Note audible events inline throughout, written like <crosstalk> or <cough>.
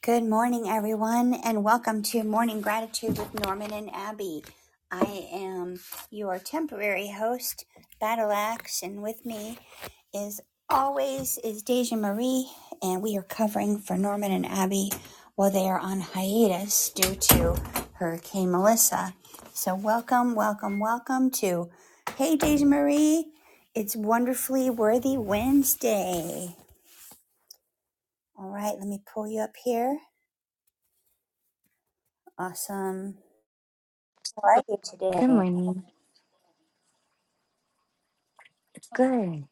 Good morning, everyone, and welcome to Morning Gratitude with Norman and Abby. I am your temporary host, Battle Axe, and with me, as always, is Deja Marie, and we are covering for Norman and Abby while they are on hiatus due to Hurricane Melissa. So, welcome, welcome, welcome to Hey Deja Marie, it's Wonderfully Worthy Wednesday. All right, let me pull you up here. Awesome. Right. Good morning. It's good.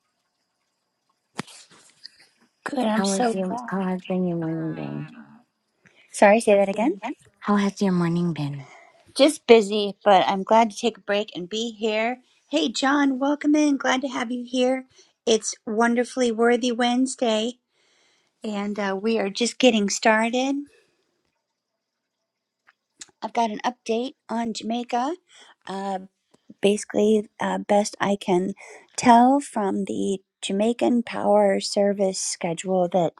Good. I'm How so was your glad. how has been your morning been? Sorry, say that again. How has your morning been? Just busy, but I'm glad to take a break and be here. Hey, John, welcome in. Glad to have you here. It's Wonderfully Worthy Wednesday, and uh, we are just getting started. I've got an update on Jamaica. Um, basically uh, best I can tell from the Jamaican Power Service schedule that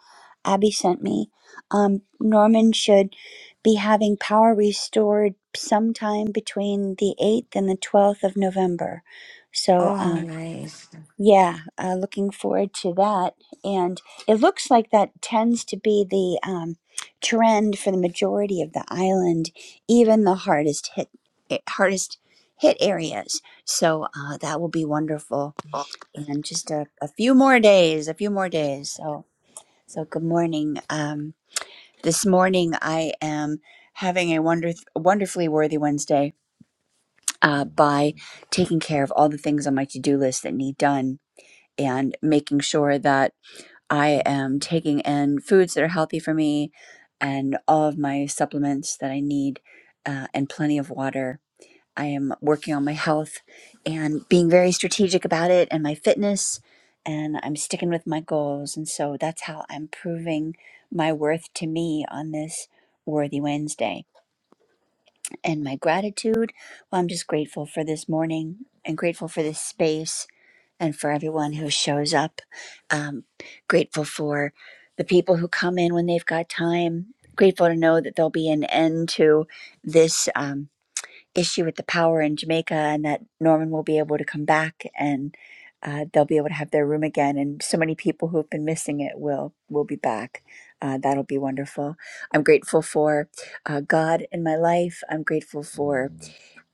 Abby sent me. Um, Norman should be having power restored sometime between the 8th and the 12th of November. So, Oh um. nice. Yeah, uh, looking forward to that. And it looks like that tends to be the um, trend for the majority of the island, even the hardest hit eh, hardest hit areas. So uh, that will be wonderful in just a, a few more days. A few more days. So so good morning. Um, this morning I am having a wonder wonderfully worthy Wednesday uh, by taking care of all the things on my to do list that need done and making sure that I am taking in foods that are healthy for me and all of my supplements that I need uh, and plenty of water. I am working on my health and being very strategic about it and my fitness, and I'm sticking with my goals. And so that's how I'm proving my worth to me on this Worthy Wednesday. And my gratitude, well, I'm just grateful for this morning and grateful for this space and for everyone who shows up. Um, grateful for the people who come in when they've got time. Grateful to know that there'll be an end to this um, issue with the power in Jamaica and that Norman will be able to come back and uh, they'll be able to have their room again. And so many people who've been missing it will will be back. Uh, that'll be wonderful. I'm grateful for uh, God in my life. I'm grateful for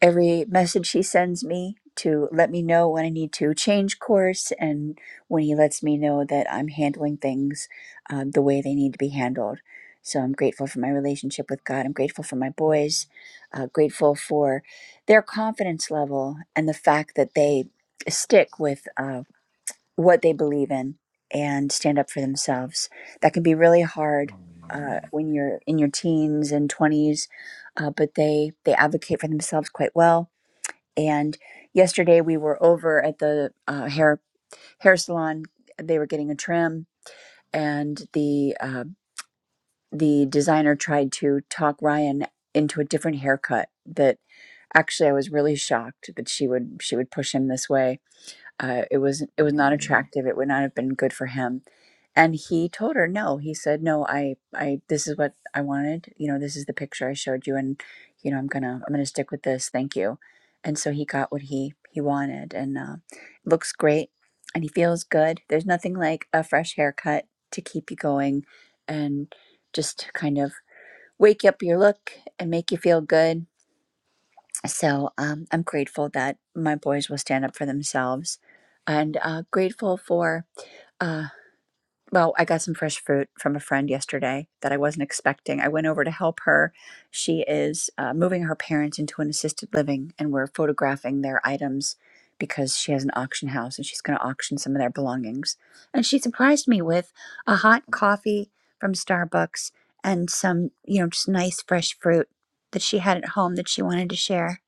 every message he sends me to let me know when I need to change course and when he lets me know that I'm handling things um, the way they need to be handled. So I'm grateful for my relationship with God. I'm grateful for my boys, uh, grateful for their confidence level and the fact that they stick with uh, what they believe in and stand up for themselves. That can be really hard uh, when you're in your teens and 20s, uh, but they, they advocate for themselves quite well and yesterday we were over at the uh, hair hair salon. They were getting a trim, and the uh, the designer tried to talk Ryan into a different haircut. That actually, I was really shocked that she would she would push him this way uh, it was it was not attractive it would not have been good for him and he told her no he said no i i this is what i wanted you know this is the picture i showed you and you know i'm gonna i'm gonna stick with this thank you and so he got what he he wanted and uh, looks great and he feels good there's nothing like a fresh haircut to keep you going and just kind of wake up your look and make you feel good so um, I'm grateful that my boys will stand up for themselves and uh, grateful for. uh, well, I got some fresh fruit from a friend yesterday that I wasn't expecting. I went over to help her. She is uh, moving her parents into an assisted living, and we're photographing their items because she has an auction house and she's going to auction some of their belongings. And she surprised me with a hot coffee from Starbucks and some, you know, just nice fresh fruit that she had at home that she wanted to share.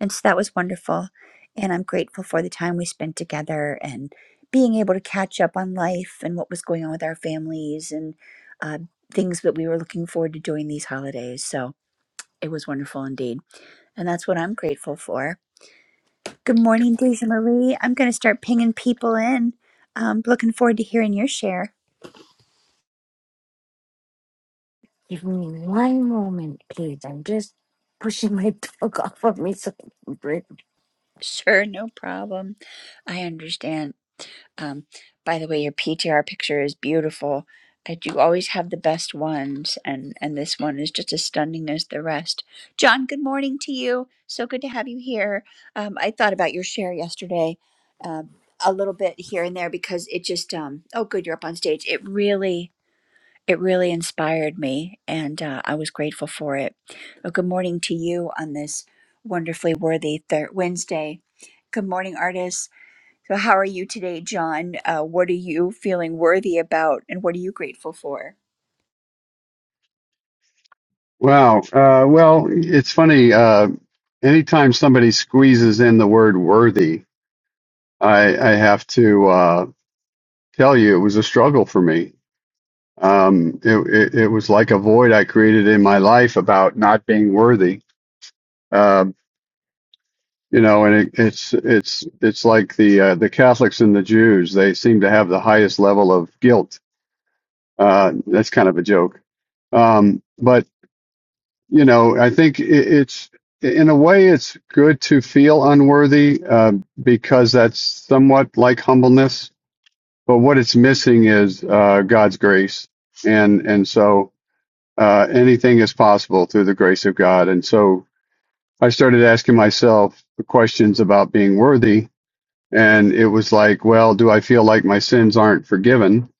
And so that was wonderful. And I'm grateful for the time we spent together and being able to catch up on life and what was going on with our families and uh, things that we were looking forward to doing these holidays. So it was wonderful indeed. And that's what I'm grateful for. Good morning, Deja Marie. I'm going to start pinging people in. Um, looking forward to hearing your share. Give me one moment, please. I'm just pushing my dog <laughs> off of me so I can breathe. Sure, no problem. I understand. Um, by the way, your PTR picture is beautiful. I do always have the best ones, and and this one is just as stunning as the rest. John, good morning to you. So good to have you here. Um, I thought about your share yesterday, um, a little bit here and there because it just um, oh good, you're up on stage. It really it really inspired me, and uh, I was grateful for it. Well, good morning to you on this wonderfully worthy third Wednesday. Good morning, artists. So, how are you today, John? Uh, what are you feeling worthy about, and what are you grateful for? Wow. Uh, well, it's funny. Uh, anytime somebody squeezes in the word worthy, I, I have to uh, tell you it was a struggle for me. Um, it, it, it was like a void I created in my life about not being worthy. Um, you know, and it, it's it's it's like the uh, the Catholics and the Jews. They seem to have the highest level of guilt. Uh, that's kind of a joke. Um, but you know, I think it, it's in a way it's good to feel unworthy uh, because that's somewhat like humbleness. But what it's missing is uh, God's grace, and and so uh, anything is possible through the grace of God. And so I started asking myself the questions about being worthy, and it was like, well, do I feel like my sins aren't forgiven?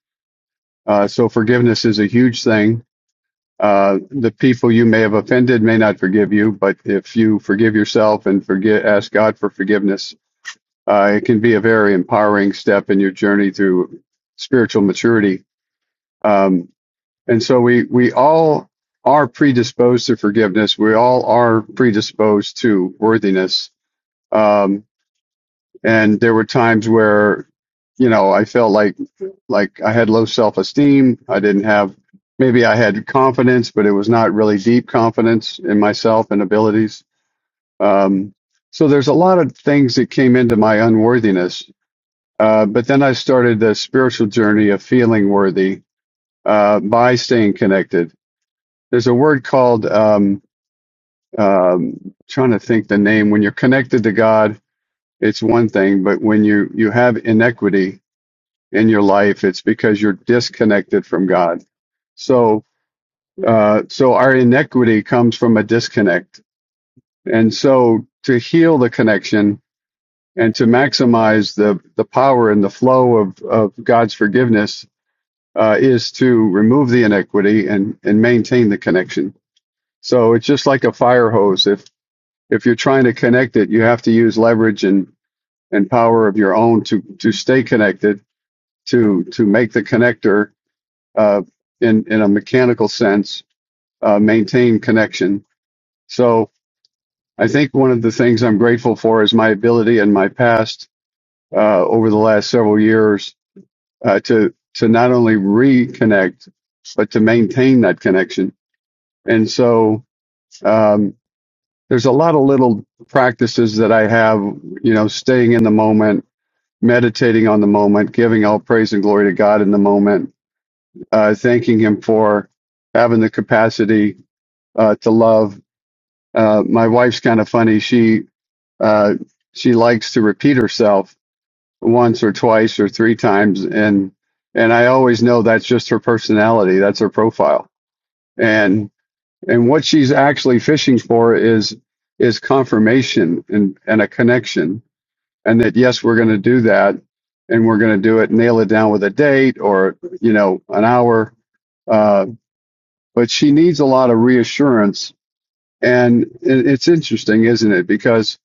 Uh, so forgiveness is a huge thing Uh, the people you may have offended may not forgive you, but if you forgive yourself and forget, ask God for forgiveness, uh, it can be a very empowering step in your journey through spiritual maturity. Um, and so we, we all are predisposed to forgiveness. We all are predisposed to worthiness. Um, and there were times where, you know, I felt like like I had low self esteem. I didn't have maybe I had confidence, but it was not really deep confidence in myself and abilities. Um, so there's a lot of things that came into my unworthiness. Uh, but then I started the spiritual journey of feeling worthy uh, by staying connected. There's a word called um, um, trying to think the name. When you're connected to God, it's one thing, but when you you have inequity, in your life. It's because you're disconnected from God. So, uh, so our inequity comes from a disconnect. And so to heal the connection and to maximize the, the power and the flow of, of God's forgiveness, uh, is to remove the inequity and, and maintain the connection. So it's just like a fire hose. If, if you're trying to connect it, you have to use leverage and, and power of your own to, to stay connected, to, to make the connector uh, in in a mechanical sense, uh, maintain connection. So I think one of the things I'm grateful for is my ability and my past uh, over the last several years uh, to to not only reconnect but to maintain that connection. And so um, there's a lot of little practices that I have, you know, staying in the moment, meditating on the moment, giving all praise and glory to God in the moment, uh, thanking Him for having the capacity uh, to love. Uh, my wife's kind of funny. She uh, she likes to repeat herself once or twice or three times, and and I always know that's just her personality. That's her profile, and and what she's actually fishing for is is confirmation and and a connection, and that yes, we're going to do that, and we're going to do it, nail it down with a date or you know an hour. Uh, but she needs a lot of reassurance And it- it's interesting, isn't it? Because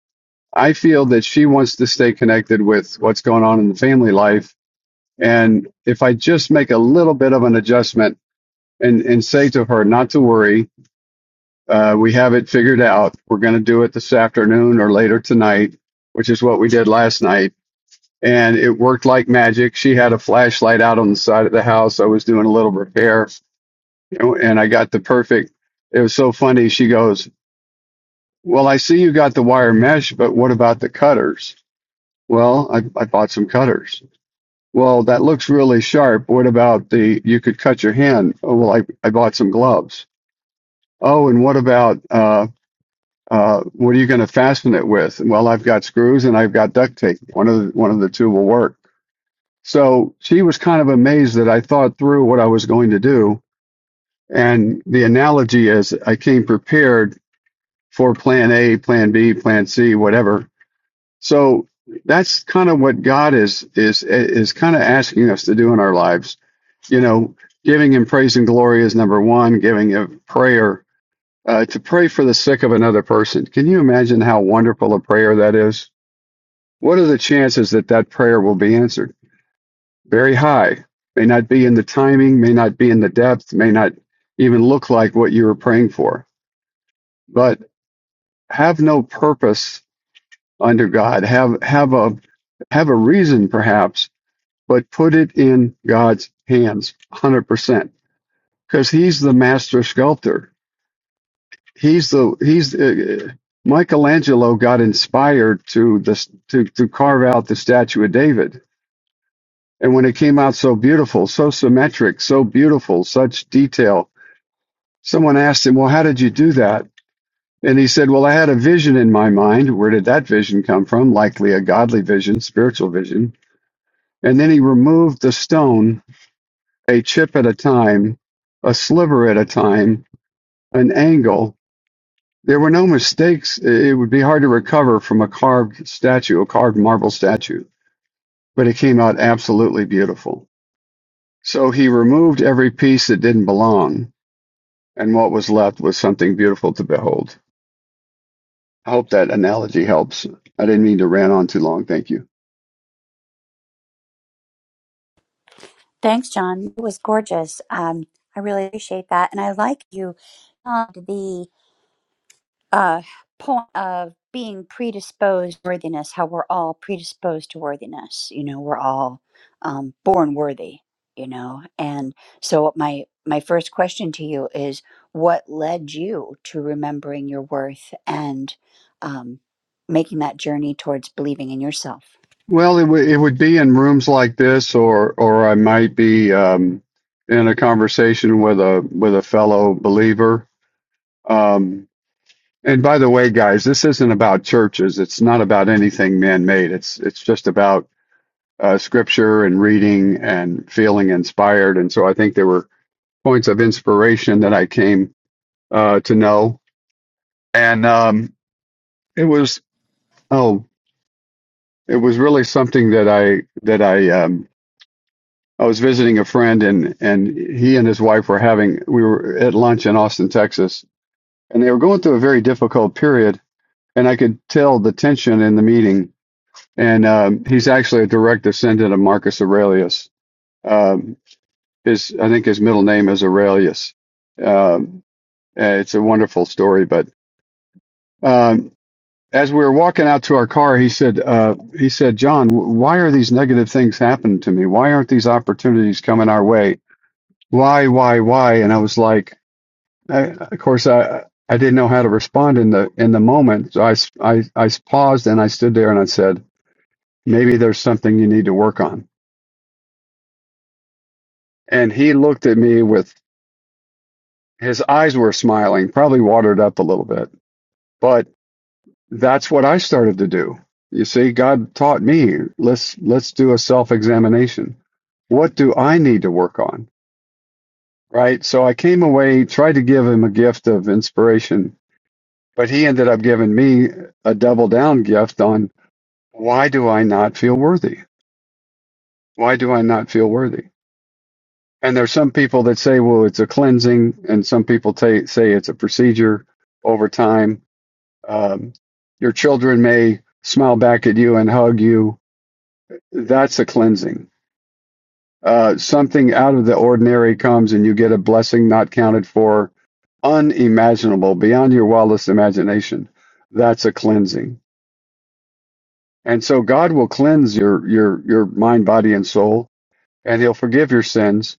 I feel that she wants to stay connected with what's going on in the family life. And if I just make a little bit of an adjustment and, and say to her not to worry, uh, we have it figured out. We're going to do it this afternoon or later tonight, which is what we did last night. And it worked like magic. She had a flashlight out on the side of the house. I was doing a little repair and and I got the perfect. It was so funny. She goes, Well, I see you got the wire mesh, but what about the cutters? Well, I, I bought some cutters. Well, that looks really sharp. What about the, you could cut your hand? Oh, well, I, I bought some gloves. Oh, and what about, uh, uh, what are you going to fasten it with? Well, I've got screws and I've got duct tape. One of the, one of the two will work. So she was kind of amazed that I thought through what I was going to do. And the analogy is I came prepared for plan A, plan B, plan C, whatever So that's kind of what God is is is kind of asking us to do in our lives. You know, giving Him praise and glory is number one. Giving a prayer uh, to pray for the sick of another person. Can you imagine how wonderful a prayer that is? What are the chances that that prayer will be answered? Very high. May not be in the timing. May not be in the depth. May not even look like what you were praying for. But have no purpose under God. Have have a have a reason perhaps but put it in God's hands 100% because he's the master sculptor. He's the he's uh, Michelangelo got inspired to this to to carve out the statue of David. And when it came out so beautiful, so symmetric, so beautiful, such detail, someone asked him, "Well, how did you do that?" And he said, "Well, I had a vision in my mind. Where did that vision come from? Likely a godly vision, spiritual vision." And then he removed the stone a chip at a time, a sliver at a time, an angle. There were no mistakes. It would be hard to recover from a carved statue, a carved marble statue, but it came out absolutely beautiful. So he removed every piece that didn't belong, and what was left was something beautiful to behold. I hope that analogy helps. I didn't mean to rant on too long. Thank you. Thanks, John. It was gorgeous. Um, I really appreciate that, and I like you. um, the. uh, point of being predisposed to worthiness, how we're all predisposed to worthiness. You know, we're all um, born worthy. You know, and so my my first question to you is, what led you to remembering your worth and um, making that journey towards believing in yourself? Well, it, w- it would be in rooms like this, or or I might be um, in a conversation with a with a fellow believer Um, and by the way, guys, this isn't about churches. It's not about anything man-made. It's it's just about uh, scripture and reading and feeling inspired. And so I think there were points of inspiration that I came uh, to know, and um, it was oh, it was really something that I that I um, I was visiting a friend, and and he and his wife were having we were at lunch in Austin, Texas, and they were going through a very difficult period, and I could tell the tension in the meeting and um, he's actually a direct descendant of Marcus Aurelius. Um, his, I think his middle name is Aurelius. Um, it's a wonderful story. But um, as we were walking out to our car, he said, uh, "He said, John, why are these negative things happening to me? Why aren't these opportunities coming our way? Why, why, why?" And I was like, I, "Of course, I." I didn't know how to respond in the in the moment, so I, I, I paused and I stood there and I said, "Maybe there's something you need to work on." And he looked at me with his eyes were smiling, probably watered up a little bit. But that's what I started to do. You see, God taught me, let's let's do a self-examination. What do I need to work on? Right? So I came away, tried to give him a gift of inspiration, but he ended up giving me a double down gift on why do I not feel worthy? Why do I not feel worthy? And there's some people that say, well, it's a cleansing, and some people ta say it's a procedure over time. Um, your children may smile back at you and hug you. That's a cleansing. Uh, something out of the ordinary comes, and you get a blessing not counted for, unimaginable, beyond your wildest imagination. That's a cleansing. And so God will cleanse your your your mind, body, and soul, and He'll forgive your sins.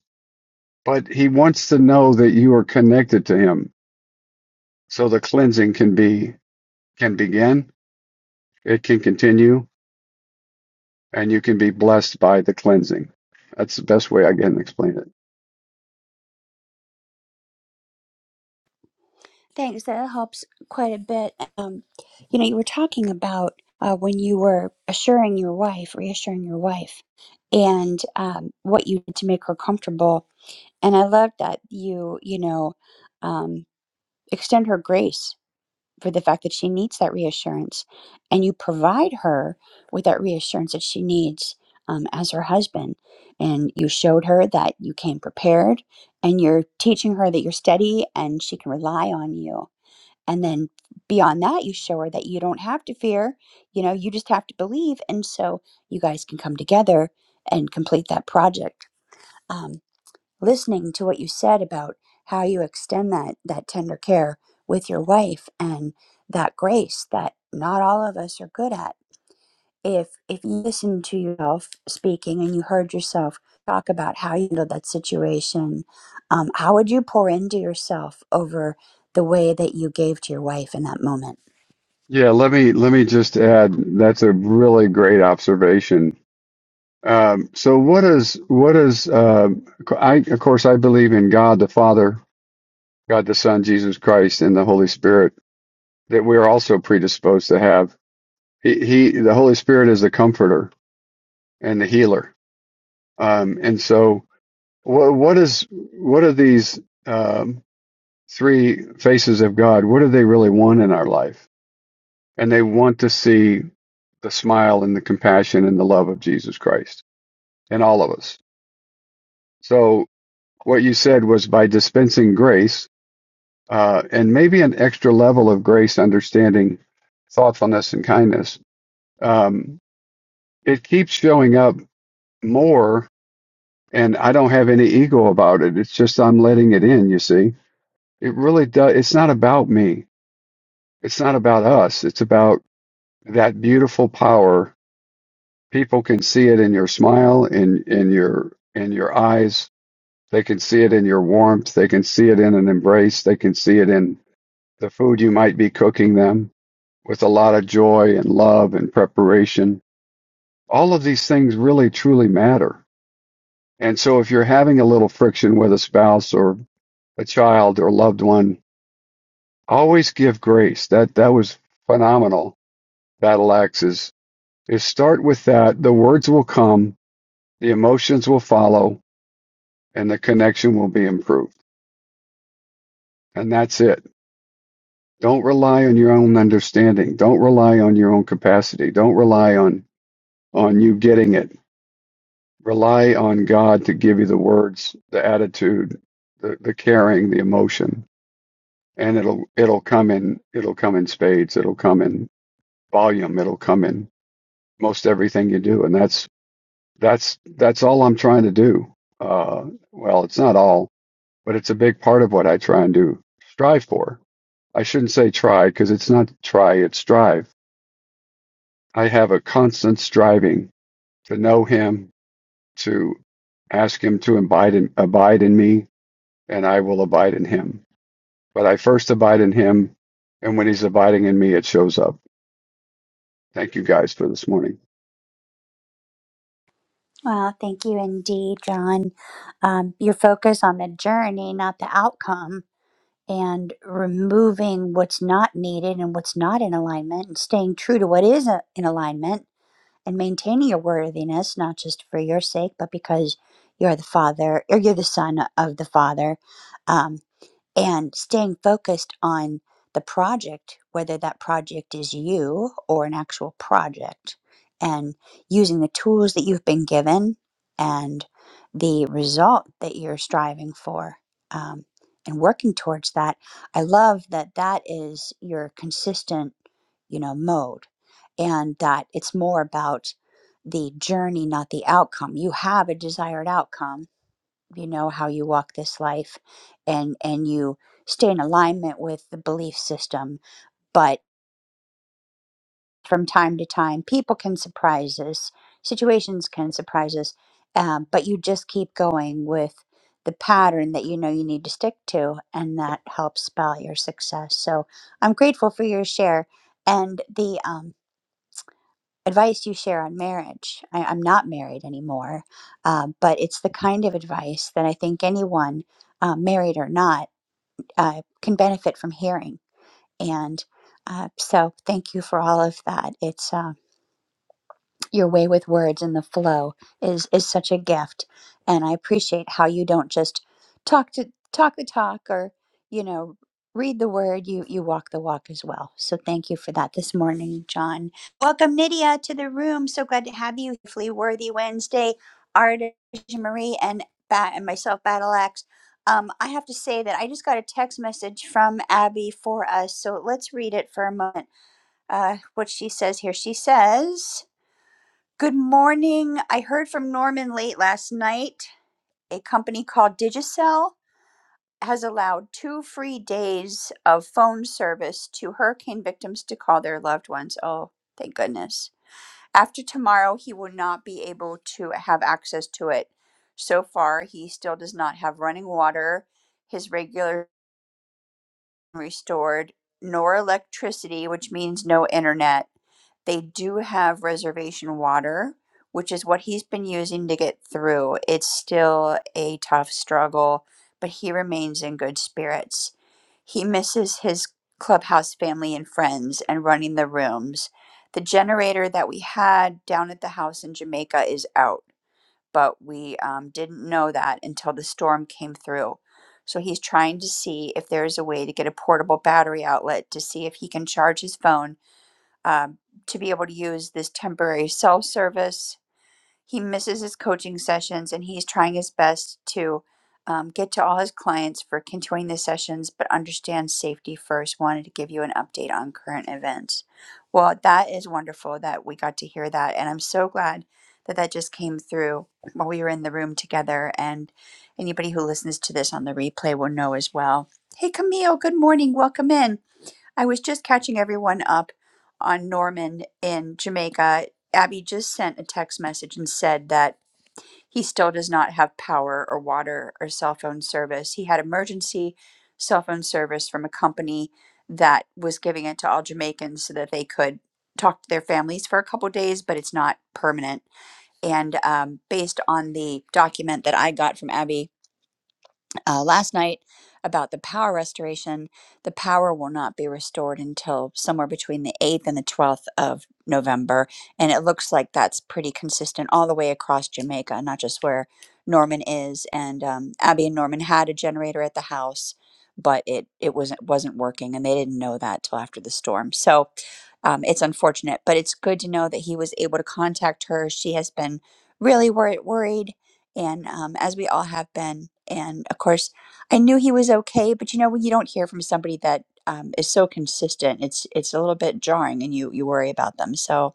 But He wants to know that you are connected to Him So the cleansing can be can begin, it can continue, and you can be blessed by the cleansing. That's the best way I can explain it. Thanks. That helps quite a bit. Um, you know, you were talking about uh, when you were assuring your wife, reassuring your wife, and um, what you did to make her comfortable. And I love that you, you know, um, extend her grace for the fact that she needs that reassurance, and you provide her with that reassurance that she needs um, as her husband. And you showed her that you came prepared, and you're teaching her that you're steady and she can rely on you and then beyond that, you show her that you don't have to fear, you know, you just have to believe. And so you guys can come together and complete that project. Um, listening to what you said about how you extend that, that tender care with your wife and that grace that not all of us are good at. If, if you listen to yourself speaking and you heard yourself talk about how you handled that situation, um, how would you pour into yourself over the way that you gave to your wife in that moment? Yeah, let me let me just add. That's a really great observation. Um, so what is what is uh, I of course I believe in God the Father, God the Son, Jesus Christ, and the Holy Spirit that we are also predisposed to have. He, he the Holy Spirit is the comforter and the healer. Um, and so What what is what are these um, three faces of God? What do they really want in our life? And they want to see the smile and the compassion and the love of Jesus Christ in all of us. So what you said was by dispensing grace uh, and maybe an extra level of grace, understanding, thoughtfulness, and kindness. Um, it keeps showing up more, and I don't have any ego about it. It's just I'm letting it in. You see, it really does. It's not about me It's not about us. It's about that beautiful power. People can see it in your smile, in in your in your eyes. They can see it in your warmth. They can see it in an embrace. They can see it in the food you might be cooking them with a lot of joy and love and preparation. All of these things really truly matter. And so if you're having a little friction with a spouse or a child or loved one, always give grace. That that was phenomenal. Battle axes If start with that, the words will come, the emotions will follow, and the connection will be improved. And that's it. Don't rely on your own understanding. Don't rely on your own capacity. Don't rely on on you getting it. Rely on God to give you the words, the attitude, the, the caring, the emotion, and it'll it'll come in it'll come in spades. It'll come in volume. It'll come in most everything you do. And that's that's that's all I'm trying to do. Uh, well, it's not all. but it's a big part of what I try and do, strive for. I shouldn't say try because it's not try, it's strive. I have a constant striving to know Him, to ask Him to abide in, abide in me, and I will abide in Him. But I first abide in Him, and when He's abiding in me, it shows up. Thank you guys for this morning. Wow, thank you indeed, John. Um, your focus on the journey, not the outcome, and removing what's not needed and what's not in alignment, and staying true to what is uh, in alignment, and maintaining your worthiness, not just for your sake, but because you're the Father or you're the Son of the Father. Um, and staying focused on the project, whether that project is you or an actual project, and using the tools that you've been given and the result that you're striving for um, and working towards that. I love that that is your consistent, you know, mode and that it's more about the journey, not the outcome. You have a desired outcome you know how you walk this life and and you stay in alignment with the belief system but from time to time people can surprise us situations can surprise us um, but you just keep going with the pattern that you know you need to stick to and that helps spell your success so i'm grateful for your share and the um, advice you share on marriage I, i'm not married anymore uh, but it's the kind of advice that i think anyone uh, married or not uh, can benefit from hearing. And uh, so, thank you for all of that. It's um, your way with words and the flow is is such a gift and i appreciate how you don't just talk to talk the talk or you know read the word you you walk the walk as well so thank you for that this morning john welcome nydia to the room so glad to have you hopefully worthy wednesday artist marie and bat and myself battle axe um, I have to say that I just got a text message from Abby for us. So let's read it for a moment. Uh, what she says here. She says, Good morning. I heard from Norman late last night. A company called Digicel has allowed two free days of phone service to hurricane victims to call their loved ones. Oh, thank goodness. After tomorrow, he will not be able to have access to it. So far, he still does not have running water, his regular restored, nor electricity, which means no internet they do have reservation water, which is what he's been using to get through. It's still a tough struggle, but he remains in good spirits. He misses his clubhouse family and friends and running the rooms. The generator that we had down at the house in Jamaica is out, but we um, didn't know that until the storm came through. So he's trying to see if there is a way to get a portable battery outlet to see if he can charge his phone um, to be able to use this temporary cell service. He misses his coaching sessions and he's trying his best to um, get to all his clients for continuing the sessions, but understand safety first. Wanted to give you an update on current events. Well, that is wonderful that we got to hear that. And I'm so glad that that just came through while we were in the room together. And anybody who listens to this on the replay will know as well. Hey, Camille, good morning. Welcome in. I was just catching everyone up on Norman in Jamaica. Abby just sent a text message and said that he still does not have power or water or cell phone service. He had emergency cell phone service from a company that was giving it to all Jamaicans so that they could talk to their families for a couple days, but it's not permanent. And um, based on the document that I got from Abby, uh, last night about the power restoration. The power will not be restored until somewhere between the 8th and the 12th of November. And it looks like that's pretty consistent all the way across Jamaica, not just where Norman is. And um, Abby and Norman had a generator at the house. But it it wasn't wasn't working, and they didn't know that till after the storm. So, um, it's unfortunate, but it's good to know that he was able to contact her. She has been really wor- worried and um, as we all have been. And of course, I knew he was okay, but you know when you don't hear from somebody that um, is so consistent, it's it's a little bit jarring, and you you worry about them. So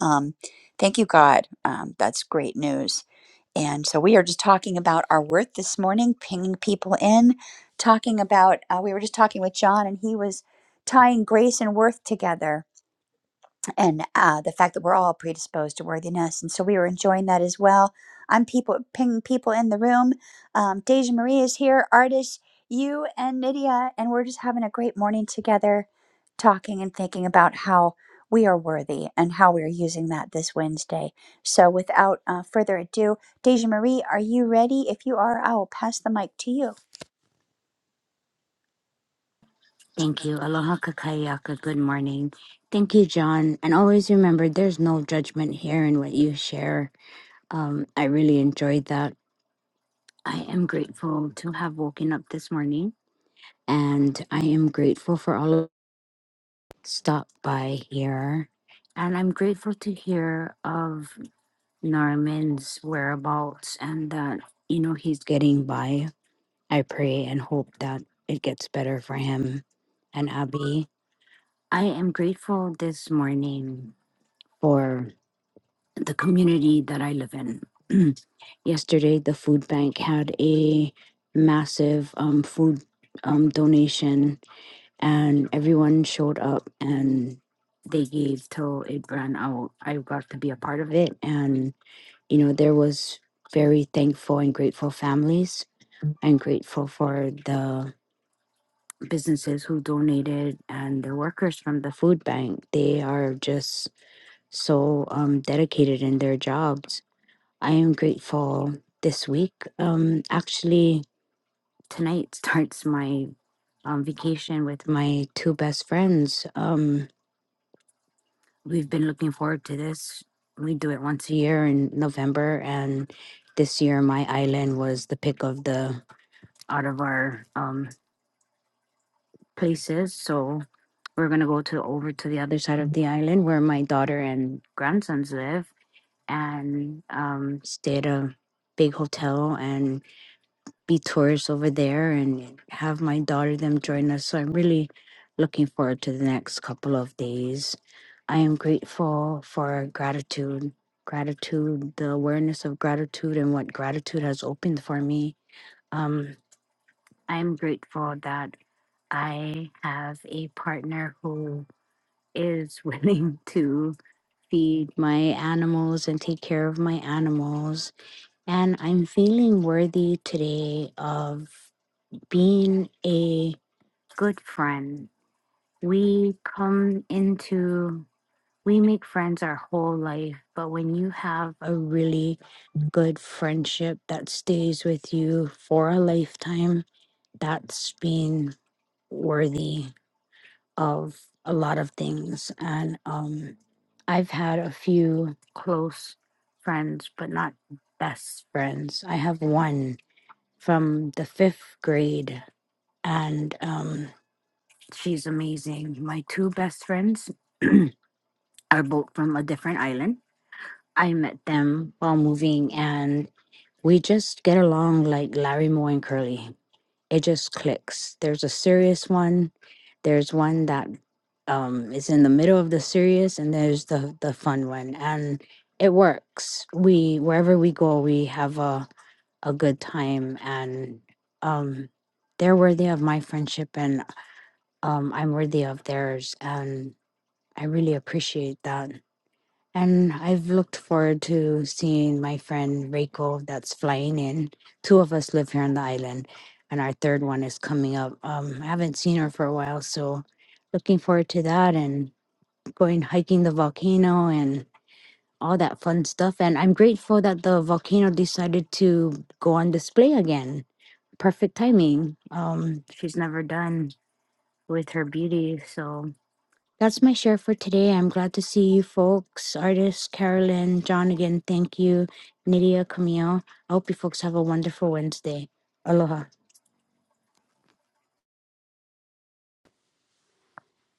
um, thank you, God. Um, that's great news. And so we are just talking about our worth this morning, pinging people in, talking about. Uh, we were just talking with John, and he was tying grace and worth together and uh, the fact that we're all predisposed to worthiness. And so we were enjoying that as well. I'm people pinging people in the room. Um, Deja Marie is here, artist, you and Nydia, and we're just having a great morning together, talking and thinking about how we are worthy and how we are using that this Wednesday. So without uh, further ado, Deja Marie, are you ready? If you are, I will pass the mic to you. Thank you. Aloha kakayaka. Good morning. Thank you, John. And always remember there's no judgment here in what you share. Um, I really enjoyed that. I am grateful to have woken up this morning and I am grateful for all of stop by here. And I'm grateful to hear of Norman's whereabouts and that, you know, he's getting by. I pray and hope that it gets better for him and Abby. I am grateful this morning for the community that I live in. <clears throat> Yesterday, the food bank had a massive um, food um, donation and everyone showed up and they gave till it ran out. I got to be a part of it, and you know there was very thankful and grateful families and grateful for the businesses who donated and the workers from the food bank. They are just so um, dedicated in their jobs. I am grateful this week. Um, actually, tonight <laughs> starts my um, vacation with my two best friends. Um, We've been looking forward to this. We do it once a year in November, and this year my island was the pick of the out of our um, places. So we're gonna go to over to the other side of the island where my daughter and grandsons live, and um, stay at a big hotel. And be tours over there and have my daughter them join us. So I'm really looking forward to the next couple of days. I am grateful for gratitude, gratitude, the awareness of gratitude and what gratitude has opened for me. Um, I'm grateful that I have a partner who is <laughs> willing to feed my animals and take care of my animals. And I'm feeling worthy today of being a good friend. We come into, we make friends our whole life, but when you have a really good friendship that stays with you for a lifetime, that's been worthy of a lot of things. And um, I've had a few close friends, but not best friends. I have one from the fifth grade, and um, She's amazing. My two best friends <clears throat> are both from a different island. I met them while moving and we just get along like Larry Moore and Curly. It just clicks. There's a serious one, there's one that um is in the middle of the serious and there's the the fun one and it works. We wherever we go, we have a a good time and um they're worthy of my friendship and um I'm worthy of theirs and. I really appreciate that. And I've looked forward to seeing my friend Reiko that's flying in. Two of us live here on the island, and our third one is coming up. Um, I haven't seen her for a while, so looking forward to that and going hiking the volcano and all that fun stuff. And I'm grateful that the volcano decided to go on display again. Perfect timing. Um, she's never done with her beauty, so that's my share for today. I'm glad to see you folks, artists, Carolyn, John again. Thank you, Nydia, Camille. I hope you folks have a wonderful Wednesday. Aloha.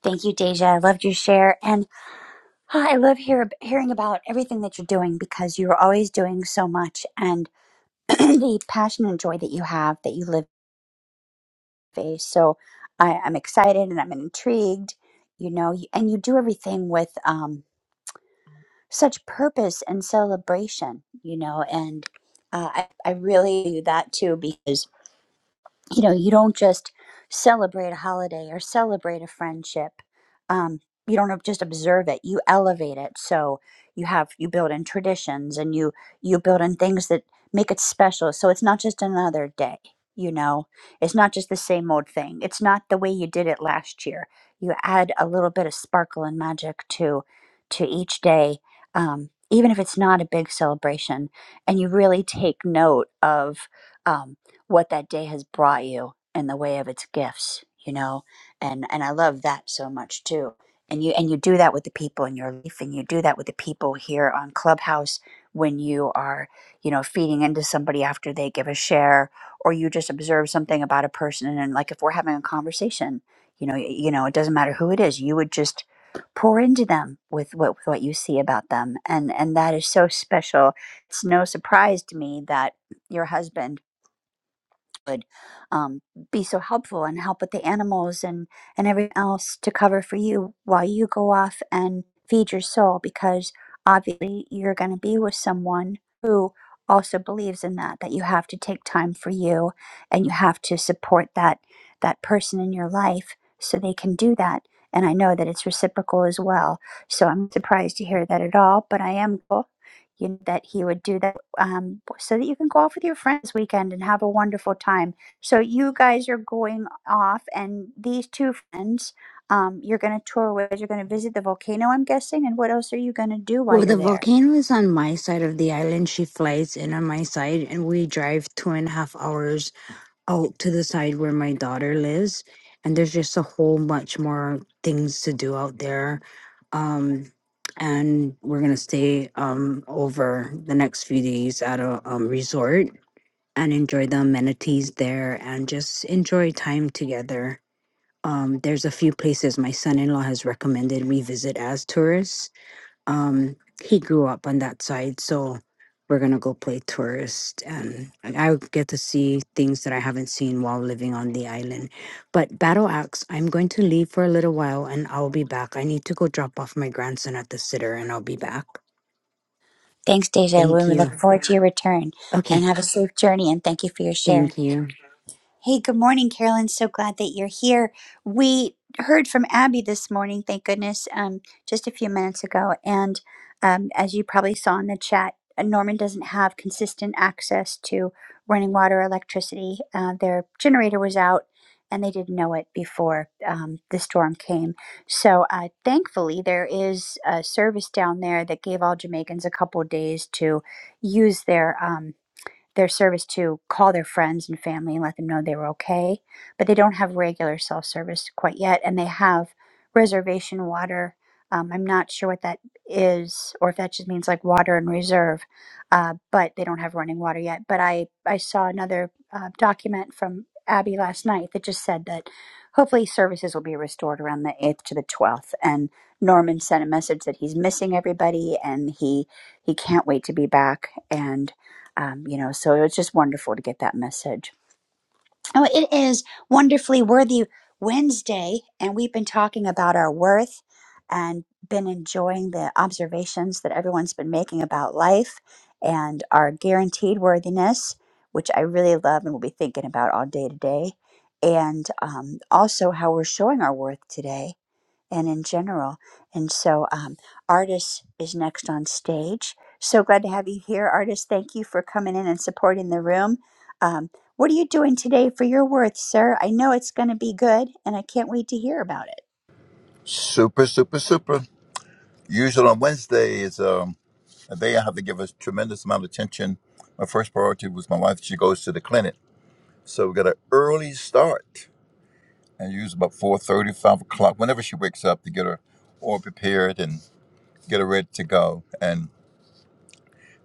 Thank you, Deja. I loved your share. and. Oh, I love hear, hearing about everything that you're doing because you're always doing so much and <clears throat> the passion and joy that you have that you live with. So I, I'm excited and I'm intrigued, you know, you- and you do everything with um, such purpose and celebration, you know, and uh, I, I really do that too because. you know you don't just celebrate a holiday or celebrate a friendship um, you don't ob- just observe it you elevate it so you have you build in traditions and you you build in things that make it special so it's not just another day you know it's not just the same old thing it's not the way you did it last year you add a little bit of sparkle and magic to to each day um, even if it's not a big celebration and you really take note of Um, what that day has brought you in the way of its gifts you know and and i love that so much too and you and you do that with the people in your life and you do that with the people here on clubhouse when you are you know feeding into somebody after they give a share or you just observe something about a person and then, like if we're having a conversation you know y- you know it doesn't matter who it is you would just pour into them with what with what you see about them and and that is so special it's no surprise to me that your husband would um, be so helpful and help with the animals and and everything else to cover for you while you go off and feed your soul because obviously you're going to be with someone who also believes in that that you have to take time for you and you have to support that that person in your life so they can do that and i know that it's reciprocal as well so i'm surprised to hear that at all but i am grateful you, know, that he would do that um, so that you can go off with your friends this weekend and have a wonderful time. So you guys are going off, and these two friends um, you're going to tour with. You're going to visit the volcano, I'm guessing. And what else are you going to do while Well, you're the there? volcano is on my side of the island. She flies in on my side, and we drive two and a half hours out to the side where my daughter lives. And there's just a whole bunch more things to do out there. Um, and we're gonna stay um, over the next few days at a um, resort and enjoy the amenities there and just enjoy time together. Um, there's a few places my son in law has recommended we visit as tourists. Um, he grew up on that side, so we're gonna go play tourist and I will get to see things that I haven't seen while living on the island. But Battle Axe, I'm going to leave for a little while and I'll be back. I need to go drop off my grandson at the sitter and I'll be back. Thanks, Deja. Thank we you. look forward to <laughs> your return and Okay, have a safe journey. And thank you for your share. thank you. Hey, good morning, Carolyn. So glad that you're here. We heard from Abby this morning, thank goodness, um, just a few minutes ago. And um, as you probably saw in the chat, uh, Norman doesn't have consistent access to running water, or electricity. Uh, their generator was out, and they didn't know it before um, the storm came. So uh, thankfully, there is a service down there that gave all Jamaicans a couple of days to use their. Um, their service to call their friends and family and let them know they were okay. But they don't have regular self service quite yet, and they have reservation water. Um, I'm not sure what that is, or if that just means like water in reserve, uh, but they don't have running water yet. But I, I saw another uh, document from Abby last night that just said that hopefully services will be restored around the 8th to the 12th. And Norman sent a message that he's missing everybody and he he can't wait to be back. And um, you know so it was just wonderful to get that message oh it is wonderfully worthy wednesday and we've been talking about our worth and been enjoying the observations that everyone's been making about life and our guaranteed worthiness which i really love and will be thinking about all day today and um, also how we're showing our worth today and in general. And so, um, Artis is next on stage. So glad to have you here, Artis. Thank you for coming in and supporting the room. Um, what are you doing today for your worth, sir? I know it's going to be good, and I can't wait to hear about it. Super, super, super. Usually on Wednesday is um, a day I have to give a tremendous amount of attention. My first priority was my wife. She goes to the clinic. So we got an early start and use about four thirty, five o'clock, whenever she wakes up to get her all prepared and get her ready to go. And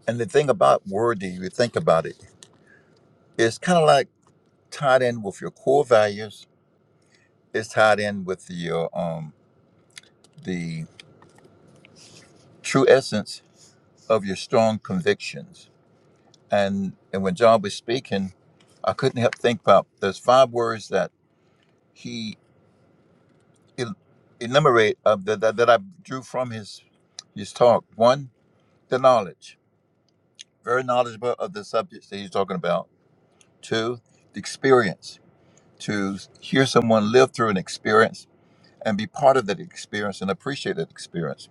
and the thing about Wordy, you think about it, it's kind of like tied in with your core values. It's tied in with your um, the true essence of your strong convictions And and when John was speaking, I couldn't help think about those five words that he el- enumerate uh, that, that that I drew from his his talk. One, the knowledge, very knowledgeable of the subjects that he's talking about. Two, the experience, to hear someone live through an experience and be part of that experience and appreciate that experience.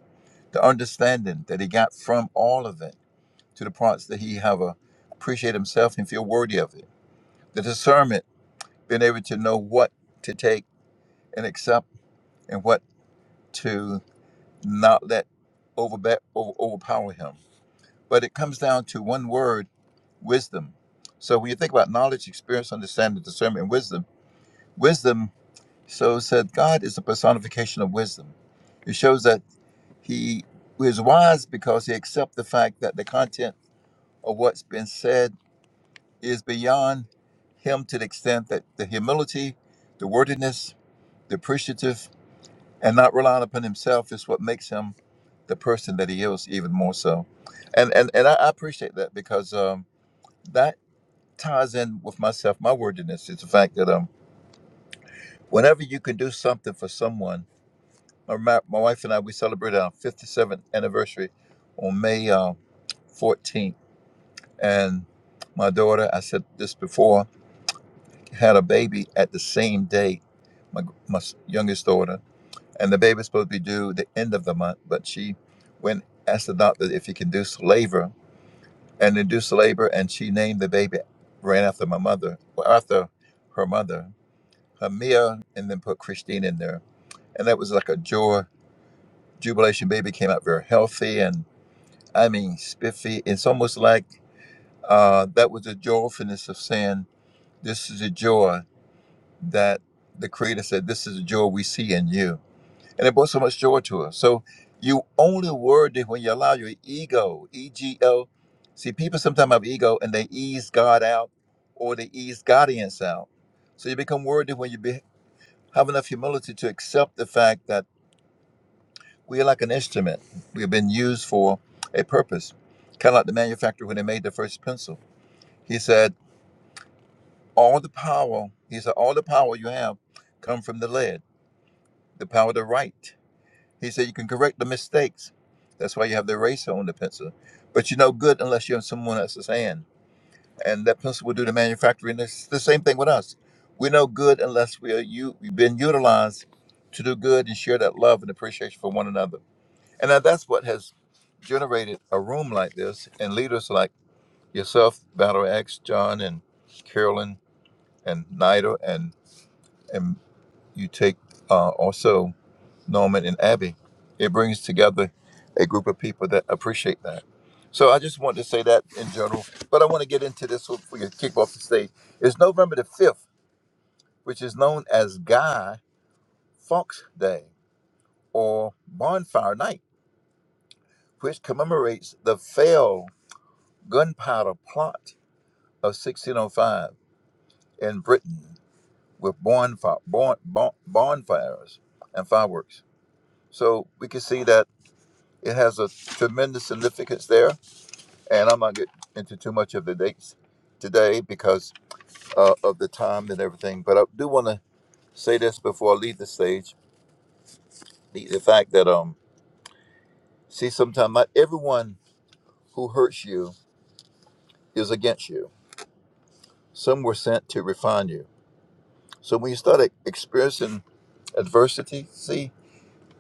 The understanding that he got from all of it to the parts that he have a appreciate himself and feel worthy of it. The discernment being able to know what to take and accept and what to not let overbe- over- overpower him. But it comes down to one word wisdom. So when you think about knowledge, experience, understanding, discernment, and wisdom, wisdom So said God is a personification of wisdom. It shows that he is wise because he accepts the fact that the content of what's been said is beyond him to the extent that the humility, the wordiness, the appreciative, and not relying upon himself is what makes him the person that he is even more so and and, and I, I appreciate that because um, that ties in with myself my worthiness. It's the fact that um whenever you can do something for someone my, ma- my wife and i we celebrated our 57th anniversary on may uh, 14th and my daughter i said this before had a baby at the same day my, my youngest daughter and the baby's supposed to be due the end of the month, but she went asked the doctor if he can do labor and induced labor, and she named the baby ran after my mother, well, after her mother, Hamia, and then put Christine in there, and that was like a joy jubilation. Baby came out very healthy, and I mean spiffy. It's almost like uh, that was a joyfulness of saying, "This is a joy that the Creator said, this is a joy we see in you." and it brought so much joy to us. So you only worthy when you allow your ego, E G O. See, people sometimes have ego and they ease God out or they ease Godians out. So you become worthy when you be, have enough humility to accept the fact that we are like an instrument. We have been used for a purpose. Kind of like the manufacturer when they made the first pencil. He said, all the power, he said, all the power you have come from the lead, the power to write. He said you can correct the mistakes. That's why you have the eraser on the pencil. But you're no good unless you're in someone else's hand. And that pencil will do the manufacturing. It's the same thing with us. We're no good unless we are you we've been utilized to do good and share that love and appreciation for one another. And now that's what has generated a room like this and leaders like yourself, Battle X, John and Carolyn and Nida and and you take uh, also Norman and Abby. It brings together a group of people that appreciate that. So I just want to say that in general, but I want to get into this so we can kick off the stage. It's November the 5th, which is known as Guy Fawkes Day or Bonfire Night, which commemorates the failed gunpowder plot of 1605 in Britain with bonfire, bon, bon, bonfires and fireworks. So we can see that it has a tremendous significance there and I'm not get into too much of the dates today because uh, of the time and everything. But I do want to say this before I leave the stage: the, the fact that um, see, sometimes not everyone who hurts you is against you. Some were sent to refine you. So when you start e- experiencing adversity, see,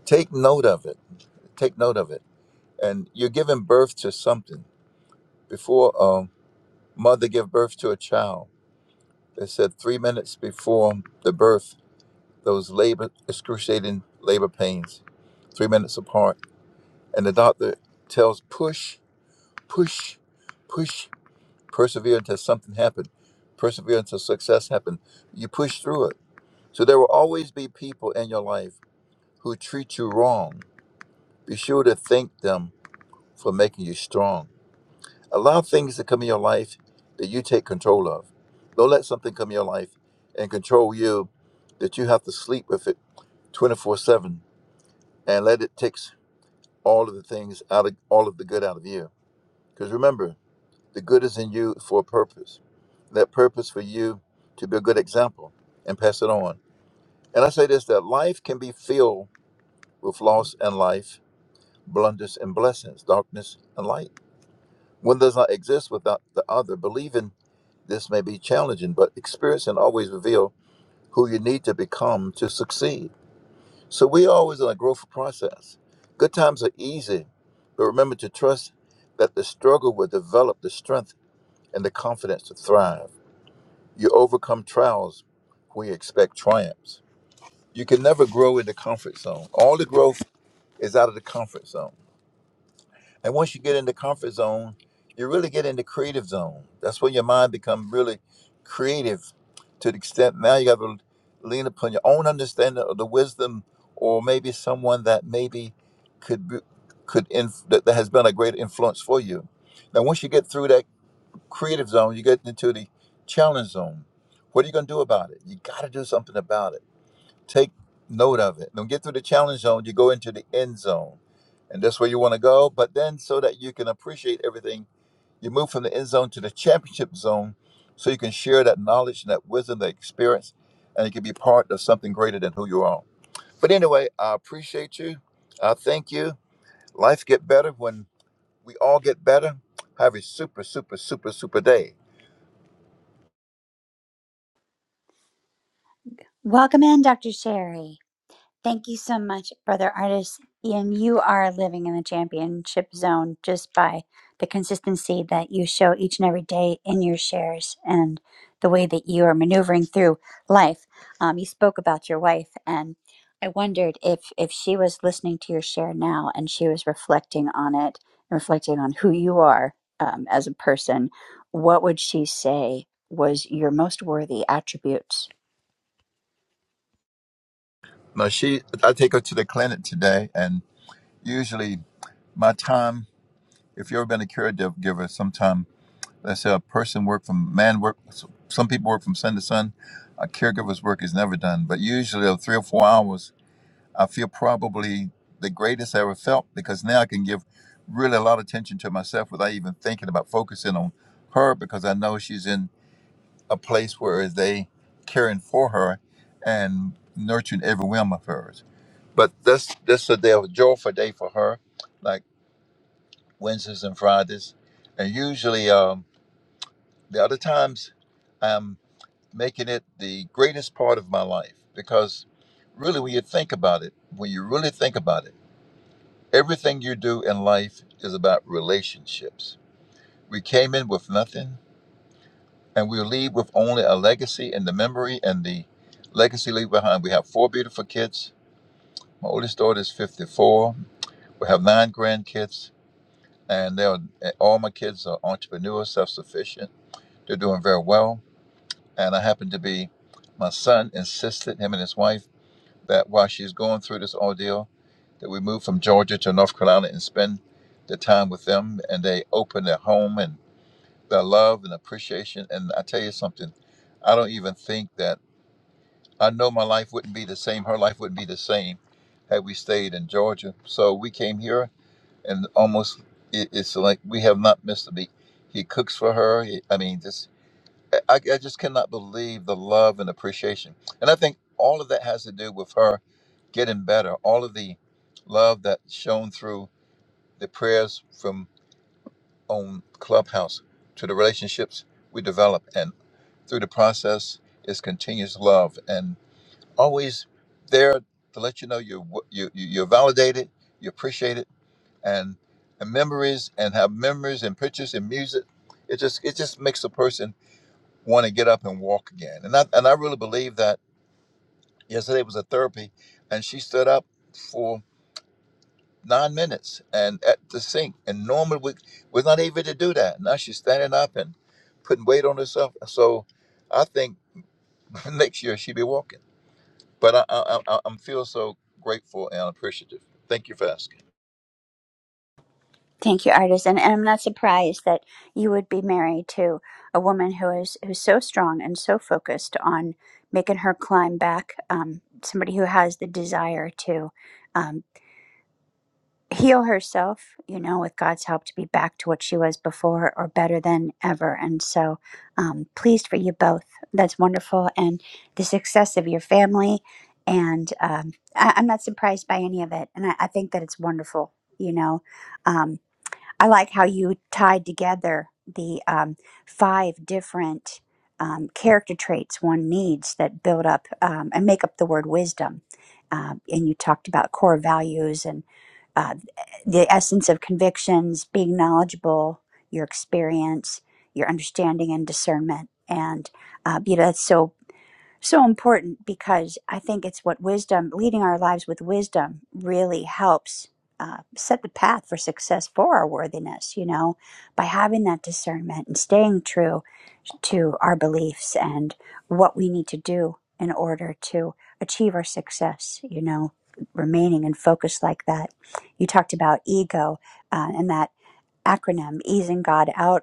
take note of it. Take note of it, and you're giving birth to something. Before um, mother give birth to a child, they said three minutes before the birth those labor excruciating labor pains, three minutes apart, and the doctor tells push, push, push, persevere until something happened, persevere until success happened. You push through it. So there will always be people in your life who treat you wrong. Be sure to thank them for making you strong. Allow things to come in your life that you take control of. Don't let something come in your life and control you that you have to sleep with it 24 7 and let it tick. all of the things out of all of the good out of you. Because remember, the good is in you for a purpose. That purpose for you to be a good example and pass it on. And I say this that life can be filled with loss and life, blunders and blessings, darkness and light. One does not exist without the other. Believing this may be challenging, but experience and always reveal who you need to become to succeed. So we always in a growth process. Good times are easy, but remember to trust that the struggle will develop the strength and the confidence to thrive. You overcome trials when you expect triumphs. You can never grow in the comfort zone. All the growth is out of the comfort zone. And once you get in the comfort zone, you really get in the creative zone. That's when your mind becomes really creative to the extent now you got to lean upon your own understanding of the wisdom or maybe someone that maybe could be, could inf- that, that has been a great influence for you. Now once you get through that creative zone, you get into the challenge zone. What are you going to do about it? You got to do something about it Take note of it. Don't get through the challenge zone. You go into the end zone, and that's where you want to go. But then, so that you can appreciate everything, you move from the end zone to the championship zone, so you can share that knowledge and that wisdom, that experience, and it can be part of something greater than who you are. But anyway, I appreciate you. I thank you. Life get better when we all get better. Have a super, super, super, super day. Welcome in, Dr. Sherry. Thank you so much, brother artist. And you are living in the championship zone just by the consistency that you show each and every day in your shares and the way that you are maneuvering through life. Um, you spoke about your wife, and I wondered if if she was listening to your share now and she was reflecting on it, reflecting on who you are um, as a person. What would she say was your most worthy attribute? Now she, I take her to the clinic today, and usually my time. if you've ever been a caregiver sometime, let's say a person work from man work, some people work from sun to sun. A caregiver's work is never done, but usually of three or four hours, I feel probably the greatest I ever felt because now I can give really a lot of attention to myself without even thinking about focusing on her because I know she's in a place where they caring for her and nurturing every whim of hers. But this this is a day of joyful day for her. like. Wednesdays and Fridays. And usually, um, the other times, I'm making it the greatest part of my life because really, when you think about it, when you really think about it, everything you do in life is about relationships. We came in with nothing and we'll leave with only a legacy and the memory and the legacy leave behind. We have four beautiful kids. My oldest daughter is 54. We have nine grandkids, and they are, all my kids are entrepreneurs, self sufficient They're doing very well. And I happen to be, my son insisted, him and his wife, that while she's going through this ordeal, that we move from Georgia to North Carolina and spend the time with them. And they open their home and their love and appreciation. And I tell you something, I don't even think that I know my life wouldn't be the same. Her life wouldn't be the same had we stayed in Georgia. So we came here, and almost it, it's like we have not missed a beat. He cooks for her. He, I mean, this. I, I just cannot believe the love and appreciation. And I think all of that has to do with her getting better. All of the love that shone through the prayers from on Clubhouse to the relationships we develop. And through the process is continuous love and always there to let you know you're, w- you, you- you're validated, you appreciate it, and, and memories and have memories and pictures and music. It just, it just makes a person want to get up and walk again. And I, and I really believe that yesterday was a therapy, and she stood up for nine minutes and at the sink. And normally we we're not able to do that. Now she's standing up and putting weight on herself. So I think <laughs> next year she'll be walking. But I, I, I, I'm feel so grateful and appreciative. Thank you for asking. Thank you, artist. And, and I'm not surprised that you would be married to a woman who is who's so strong and so focused on making her climb back. Um, somebody who has the desire to um, heal herself, you know, with God's help, to be back to what she was before or better than ever. And so, um, pleased for you both. That's wonderful, and the success of your family. And um, I, I'm not surprised by any of it. And I, I think that it's wonderful. You know, Um, I like how you tied together the um, five different um, character traits one needs that build up um, and make up the word wisdom. Um, and you talked about core values and uh, the essence of convictions, being knowledgeable, your experience, your understanding and discernment. And, uh, you know, that's so so important because I think it's what wisdom, leading our lives with wisdom, really helps uh, set the path for success for our worthiness, you know, by having that discernment and staying true to our beliefs and what we need to do in order to achieve our success, you know, remaining in focus like that. You talked about ego uh, and that acronym, easing God out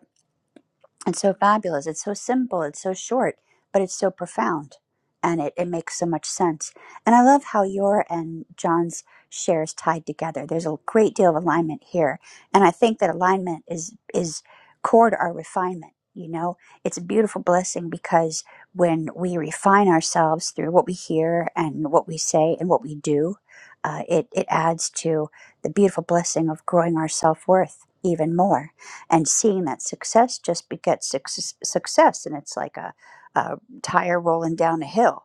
it's so fabulous. It's so simple. It's so short, but it's so profound. And it, it makes so much sense. And I love how your and John's shares tied together. There's a great deal of alignment here. And I think that alignment is, is core to our refinement. You know, it's a beautiful blessing because when we refine ourselves through what we hear and what we say and what we do, uh, it, it adds to the beautiful blessing of growing our self worth even more and seeing that success just begets success, success and it's like a, a tire rolling down a hill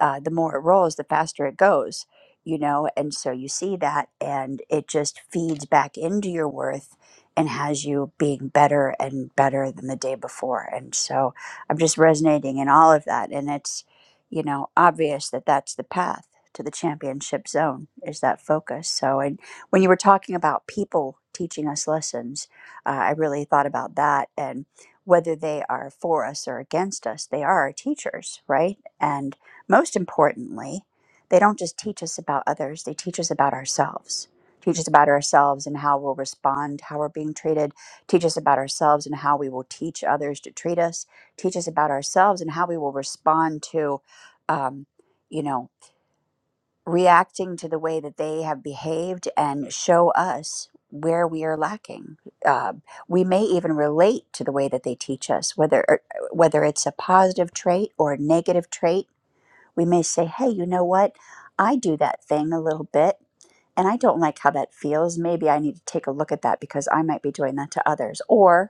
uh, the more it rolls the faster it goes you know and so you see that and it just feeds back into your worth and has you being better and better than the day before and so i'm just resonating in all of that and it's you know obvious that that's the path to the championship zone is that focus so and when you were talking about people teaching us lessons uh, I really thought about that and whether they are for us or against us, they are our teachers, right? And most importantly, they don't just teach us about others, they teach us about ourselves. Teach us about ourselves and how we'll respond, how we're being treated. Teach us about ourselves and how we will teach others to treat us. Teach us about ourselves and how we will respond to, um, you know, reacting to the way that they have behaved and show us where we are lacking. Uh, we may even relate to the way that they teach us, whether or- whether it's a positive trait or a negative trait. We may say, "Hey, you know what? I do that thing a little bit." And I don't like how that feels. Maybe I need to take a look at that because I might be doing that to others. Or.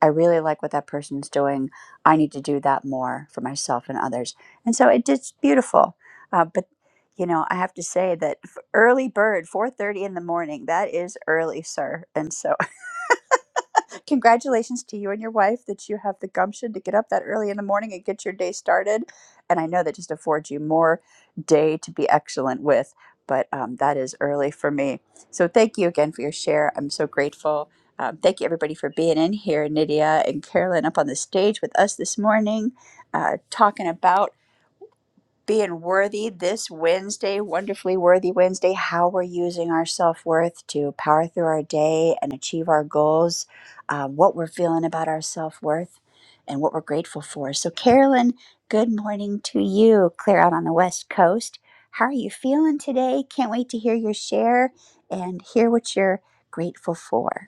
I really like what that person's doing. I need to do that more for myself and others. And so it is beautiful. Uh, but you know, I have to say that f- early bird, four thirty in the morning, that is early, sir. And so Congratulations to you and your wife that you have the gumption to get up that early in the morning and get your day started. And I know that just affords you more day to be excellent with, but um, that is early for me. So thank you again for your share. I'm so grateful. Um, thank you, everybody, for being in here. Nydia and Carolyn up on the stage with us this morning, uh, talking about being worthy this Wednesday, wonderfully worthy Wednesday, how we're using our self worth to power through our day and achieve our goals, uh, what we're feeling about our self worth, and what we're grateful for. So, Carolyn, good morning to you, clear out on the West Coast. How are you feeling today? Can't wait to hear your share and hear what you're grateful for.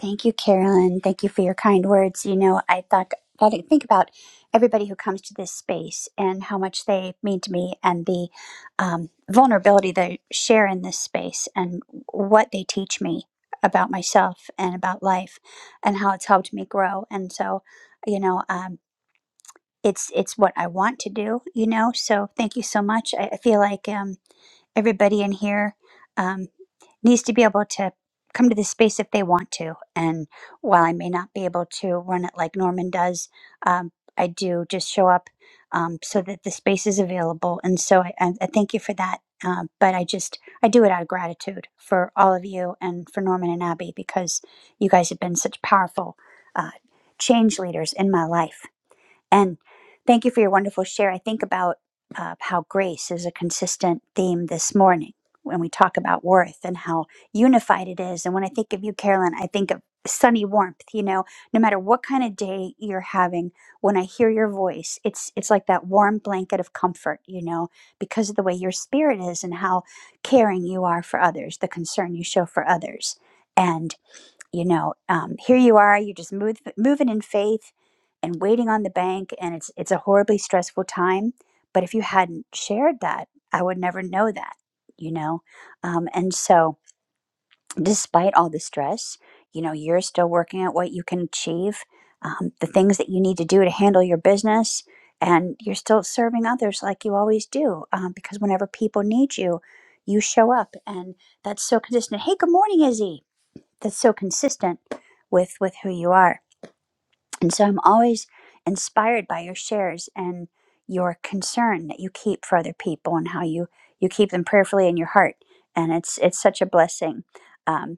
Thank you, Carolyn. Thank you for your kind words. You know, I thought got to think about everybody who comes to this space and how much they mean to me, and the um, vulnerability they share in this space, and what they teach me about myself and about life, and how it's helped me grow. And so, you know, um, it's it's what I want to do, you know. So thank you so much. I, I feel like um, everybody in here um, needs to be able to come to this space if they want to. And while I may not be able to run it like Norman does, um, I do just show up um, so that the space is available. And so I, I, I thank you for that. Um, but I just I do it out of gratitude for all of you and for Norman and Abby because you guys have been such powerful uh, change leaders in my life. And thank you for your wonderful share. I think about uh, how grace is a consistent theme this morning when we talk about worth and how unified it is. And when I think of you, Carolyn, I think of sunny warmth. You know, no matter what kind of day you're having, when I hear your voice, it's it's like that warm blanket of comfort. You know, because of the way your spirit is and how caring you are for others, the concern you show for others. and you know um, here you are you just move, moving in faith and waiting on the bank and it's it's a horribly stressful time but if you hadn't shared that i would never know that you know um, and so despite all the stress you know you're still working at what you can achieve um, the things that you need to do to handle your business and you're still serving others like you always do um, because whenever people need you you show up and that's so consistent hey good morning izzy that's so consistent with with who you are and so i'm always inspired by your shares and your concern that you keep for other people and how you you keep them prayerfully in your heart and it's it's such a blessing um,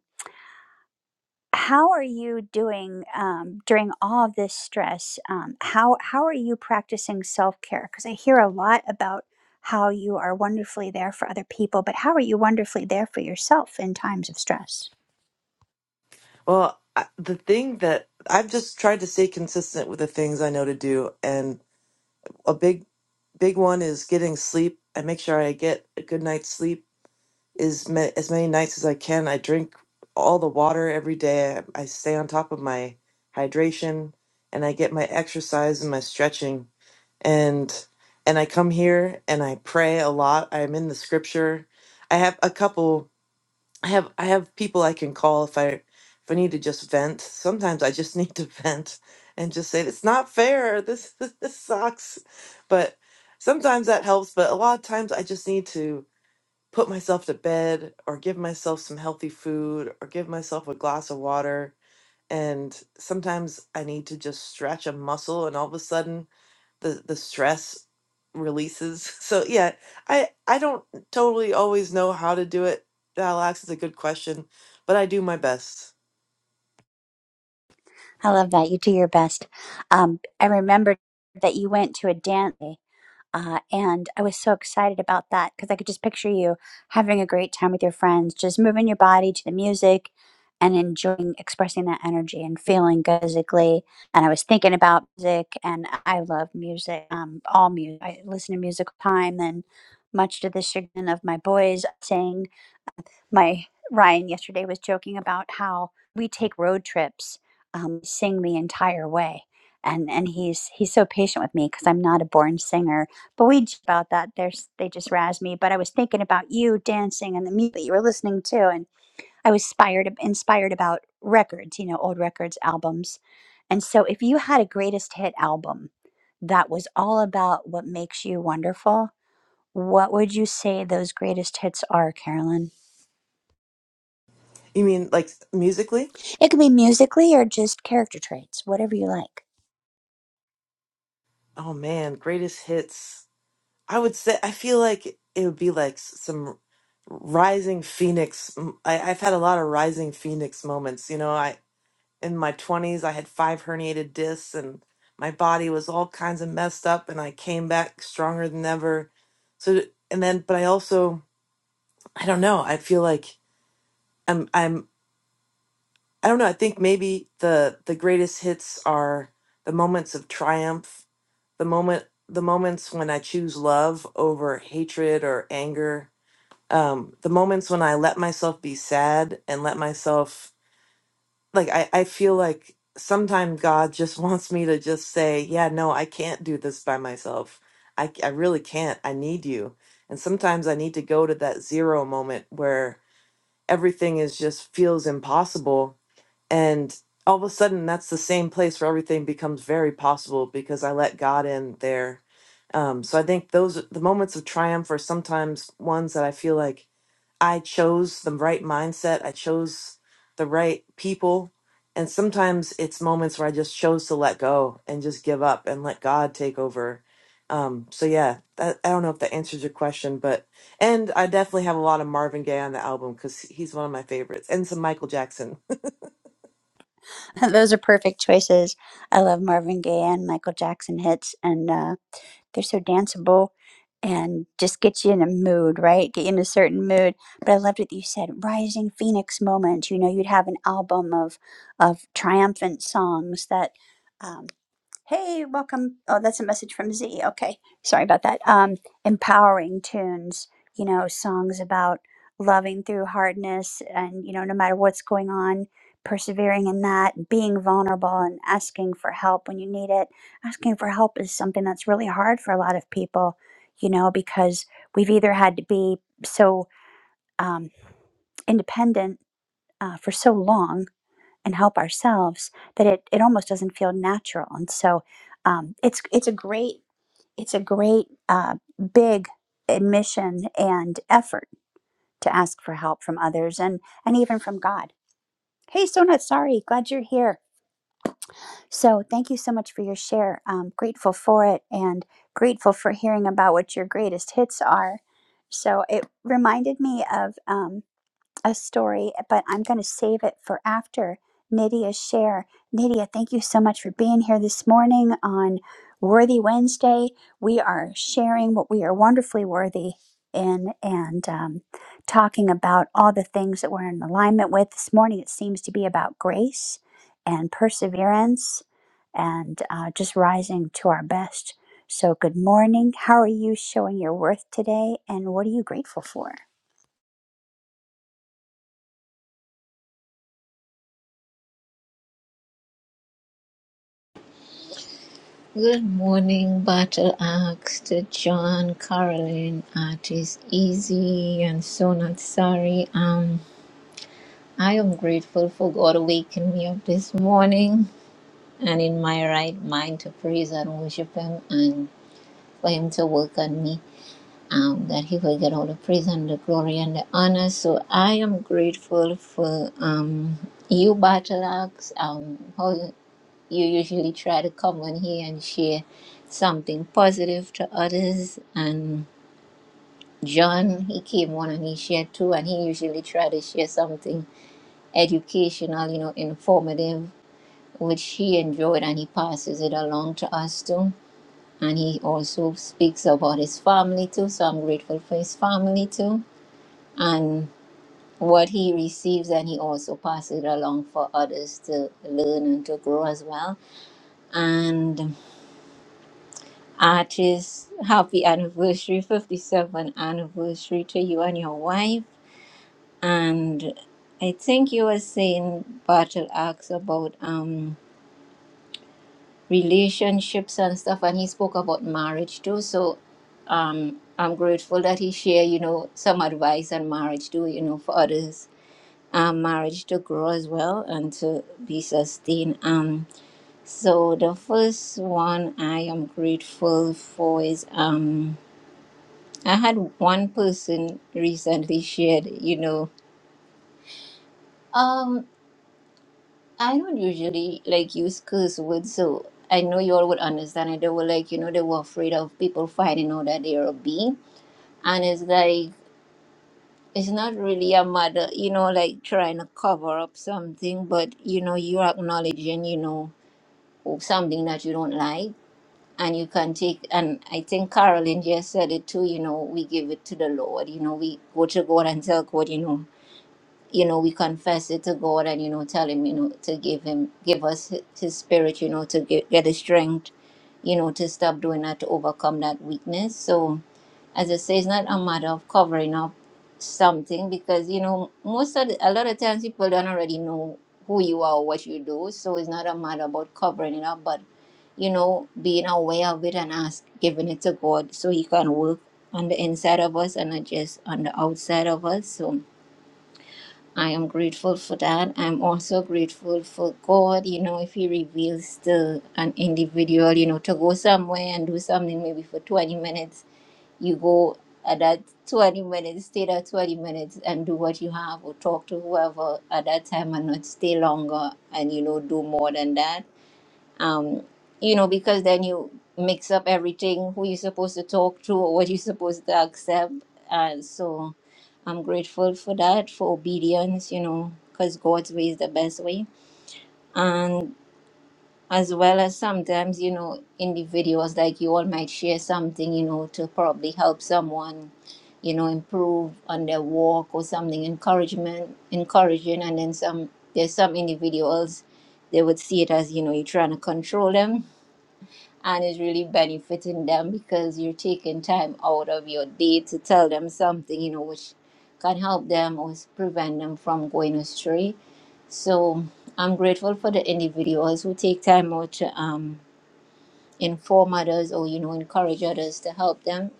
how are you doing um, during all of this stress um, how how are you practicing self-care because i hear a lot about how you are wonderfully there for other people but how are you wonderfully there for yourself in times of stress I love that. You do your best. Um, I remember that you went to a dance. day Uh, and I was so excited about that because I could just picture you having a great time with your friends, just moving your body to the music and enjoying expressing that energy and feeling good physically. And I was thinking about music, and I love music, um, all music. I listen to music all the time, and much to the chagrin of my boys, I sing my Ryan yesterday was joking about how we take road trips, um, sing the entire way, and and he's he's so patient with me because I'm not a born singer. But we j- about that. There's they just razz me. But I was thinking about you dancing and the music that you were listening to, and I was inspired inspired about records, you know, old records, albums. And so, if you had a greatest hit album that was all about what makes you wonderful, what would you say those greatest hits are, Carolyn? It could be musically or just character traits, whatever you like. <laughs> Those are perfect choices. I love Marvin Gaye and Michael Jackson hits, and uh, they're so danceable and just get you in a mood, right? Get you in a certain mood. But I loved what you said, rising phoenix moment. You know, you'd have an album of of triumphant songs that. um, Hey, welcome. Oh, that's a message from Z. Okay. Sorry about that. Um, empowering tunes, you know, songs about loving through hardness and, you know, no matter what's going on, persevering in that, being vulnerable and asking for help when you need it. Asking for help is something that's really hard for a lot of people, you know, because we've either had to be so um, independent uh, for so long and help ourselves that it, it almost doesn't feel natural and so um, it's it's a great it's a great uh, big admission and effort to ask for help from others and and even from god hey so not sorry glad you're here so thank you so much for your share um, grateful for it and grateful for hearing about what your greatest hits are so it reminded me of um, a story, but I'm going to save it for after Nydia's share. Nydia, thank you so much for being here this morning on Worthy Wednesday. We are sharing what we are wonderfully worthy in and um, talking about all the things that we're in alignment with. This morning, it seems to be about grace and perseverance and uh, just rising to our best. So, good morning. How are you showing your worth today, and what are you grateful for? Good morning, Battle Axe to John, Carolyn, Artist Easy, and Sonat Sari. Um, I am grateful for God waking me up this morning and in my right mind to praise and worship Him and for Him to work on me. Um, that He will get all the praise and the glory and the honor. So I am grateful for um you, Battle Axe. Um, how? you usually try to come on here and share something positive to others. And John, he came on and he shared too, and he usually tried to share something educational, you know, informative, which he enjoyed and he passes it along to us too. And he also speaks about his family too, so I'm grateful for his family too. And what he receives, and he also passes it along for others to learn and to grow as well. And Artist, happy anniversary, 57th anniversary to you and your wife. And I think you were saying Battle Axe about um relationships and stuff, and he spoke about marriage too. So um I'm grateful that he shared, you know, some advice on marriage too, you know, for others. Um, marriage to grow as well and to be sustained. Um, so the first one I am grateful for is um I had one person recently shared, you know, um, I don't usually like use curse words, so I know you all would understand it. They were like, you know, they were afraid of people finding out that they're a being, and it's like it's not really a matter, you know, like trying to cover up something, but you know, you're acknowledging, you know, something that you don't like. And you can take, and I think Carolyn just said it too. You know, we give it to the Lord. You know, we go to God and tell God, you know, you know we confess it to god and you know tell him you know to give him give us hi- his spirit you know to get, get the strength you know to stop doing that to overcome that weakness so as i say it's not a matter of covering up something because you know most of the, a lot of times people don't already know who you are or what you do so it's not a matter about covering it up but you know being aware of it and ask giving it to god so he can work on the inside of us and not just on the outside of us so I am grateful for that. I'm also grateful for God, you know, if He reveals to an individual, you know, to go somewhere and do something maybe for 20 minutes, you go at that 20 minutes, stay that 20 minutes and do what you have or talk to whoever at that time and not stay longer and, you know, do more than that um, you know, because then you mix up everything who you're supposed to talk to or what you're supposed to accept. And so I'm grateful for that, for obedience, you know, because God's way is the best way. And as well as sometimes, you know, individuals like you all might share something, you know, to probably help someone, you know, improve on their walk or something, encouragement, encouraging. And then some, there's some individuals, they would see it as, you know, you're trying to control them and it's really benefiting them because you're taking time out of your day to tell them something you know which can help them or s- prevent them from going astray so i'm grateful for the individuals who take time out to um, inform others or you know encourage others to help them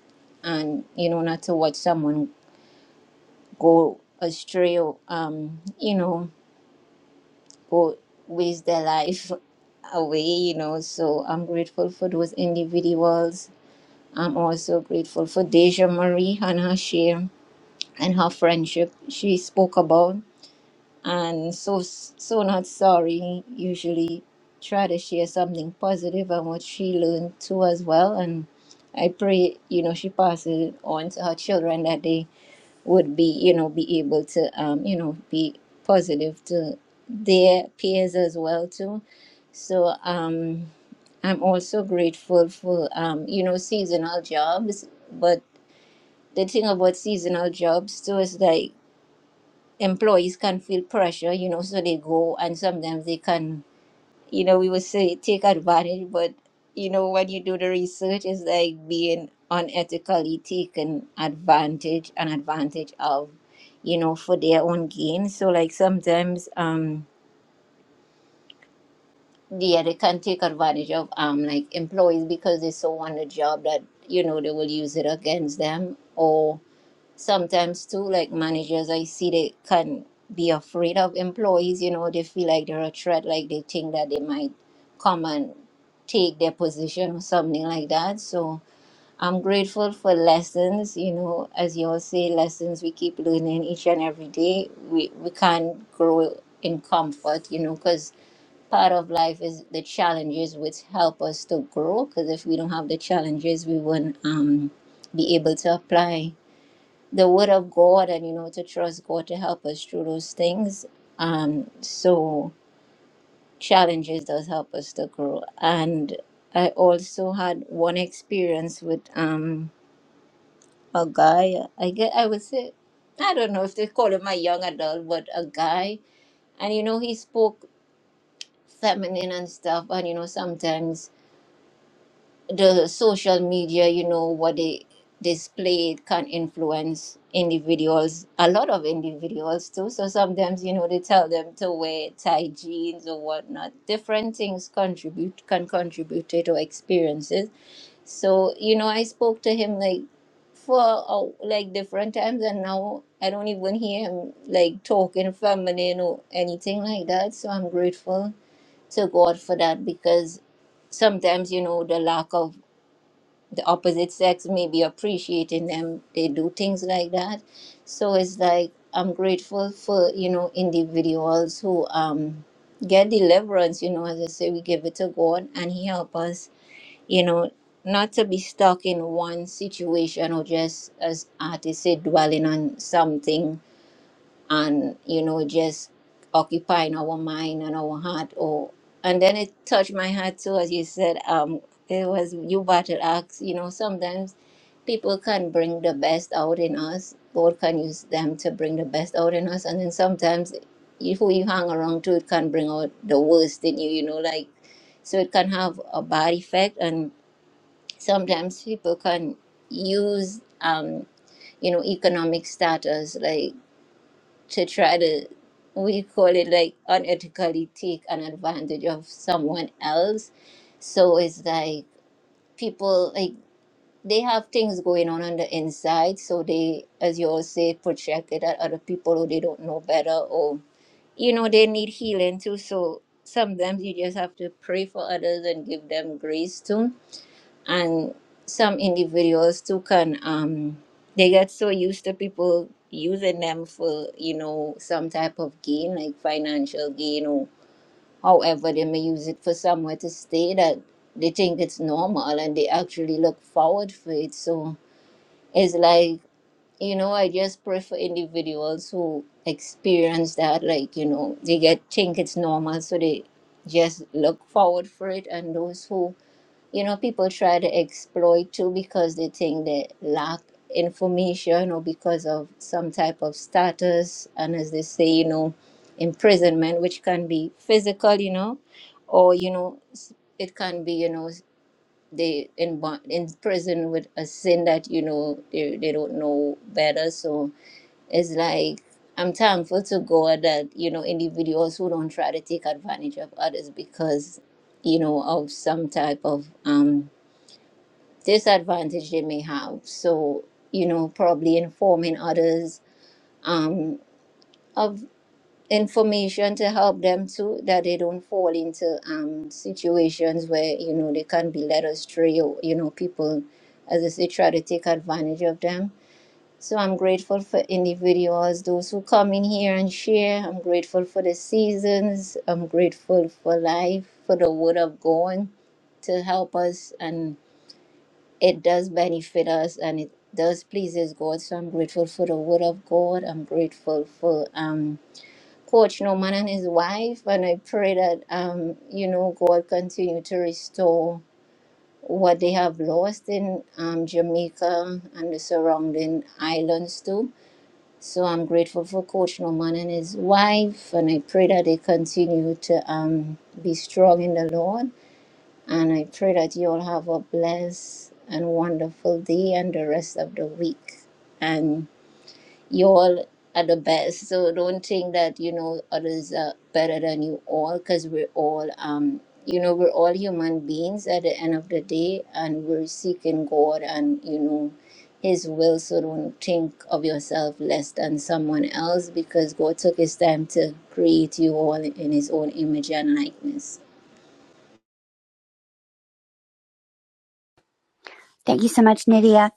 and you know not to watch someone go astray or um, you know go waste their life <laughs> away you know so i'm grateful for those individuals I'm also grateful for Deja Marie and her share and her friendship she spoke about. And so, so not sorry, usually try to share something positive and what she learned too as well. And I pray, you know, she passes on to her children that they would be, you know, be able to, um, you know, be positive to their peers as well too. So, um, I'm also grateful for, um, you know, seasonal jobs, but the thing about seasonal jobs too is like employees can feel pressure, you know, so they go and sometimes they can, you know, we would say take advantage, but you know, when you do the research, it's like being unethically taken advantage and advantage of, you know, for their own gain. So like sometimes, um, yeah, they can take advantage of um like employees because they so want a job that, you know, they will use it against them or sometimes too like managers i see they can be afraid of employees you know they feel like they're a threat like they think that they might come and take their position or something like that so i'm grateful for lessons you know as you all say lessons we keep learning each and every day we we can't grow in comfort you know because part of life is the challenges which help us to grow because if we don't have the challenges we won't um, be able to apply the word of God and you know to trust God to help us through those things. Um, so challenges does help us to grow. And I also had one experience with um a guy. I get I would say I don't know if they call him a young adult, but a guy. And you know he spoke feminine and stuff. And you know sometimes the social media, you know, what they display can influence individuals, a lot of individuals too. So sometimes, you know, they tell them to wear tight jeans or whatnot. Different things contribute can contribute to their experiences. So, you know, I spoke to him like for uh, like different times and now I don't even hear him like talking feminine or anything like that. So I'm grateful to God for that because sometimes you know the lack of the opposite sex may be appreciating them they do things like that so it's like i'm grateful for you know individuals who um get deliverance you know as i say we give it to god and he help us you know not to be stuck in one situation or just as artists say dwelling on something and you know just occupying our mind and our heart or and then it touched my heart too as you said um it was you battle axe you know sometimes people can bring the best out in us god can use them to bring the best out in us and then sometimes you- who you hang around to it can bring out the worst in you you know like so it can have a bad effect and sometimes people can use um you know economic status like to try to we call it like unethically take an advantage of someone else so it's like people like they have things going on on the inside so they as you all say project it at other people who they don't know better or you know they need healing too so sometimes you just have to pray for others and give them grace too and some individuals too can um they get so used to people using them for you know some type of gain like financial gain or however they may use it for somewhere to stay that they think it's normal and they actually look forward for it so it's like you know i just pray for individuals who experience that like you know they get think it's normal so they just look forward for it and those who you know people try to exploit you because they think they lack information or because of some type of status and as they say you know imprisonment which can be physical you know or you know s- it can be you know they in bond in prison with a sin that you know they, they don't know better so it's like i'm thankful to god that you know individuals who don't try to take advantage of others because you know of some type of um disadvantage they may have. So, you know, probably informing others um, of information to help them too, that they don't fall into um, situations where, you know, they can be led astray or, you know, people, as I say, try to take advantage of them. So I'm grateful for individuals, those who come in here and share. I'm grateful for the seasons. I'm grateful for life, for the word of God to help us and it does benefit us and it does pleases God. So I'm grateful for the word of God. I'm grateful for um Coach Norman and his wife and I pray that um you know God continue to restore what they have lost in um, Jamaica and the surrounding islands too. So I'm grateful for Coach Norman and his wife and I pray that they continue to um be strong in the Lord and I pray that you all have a blessed and wonderful day and the rest of the week. And you all are the best. So don't think that, you know, others are better than you all because we're all, um, you know, we're all human beings at the end of the day and we're seeking God and, you know, His will. So don't think of yourself less than someone else because God took His time to create you all in His own image and likeness. Thank you so much, Nydia.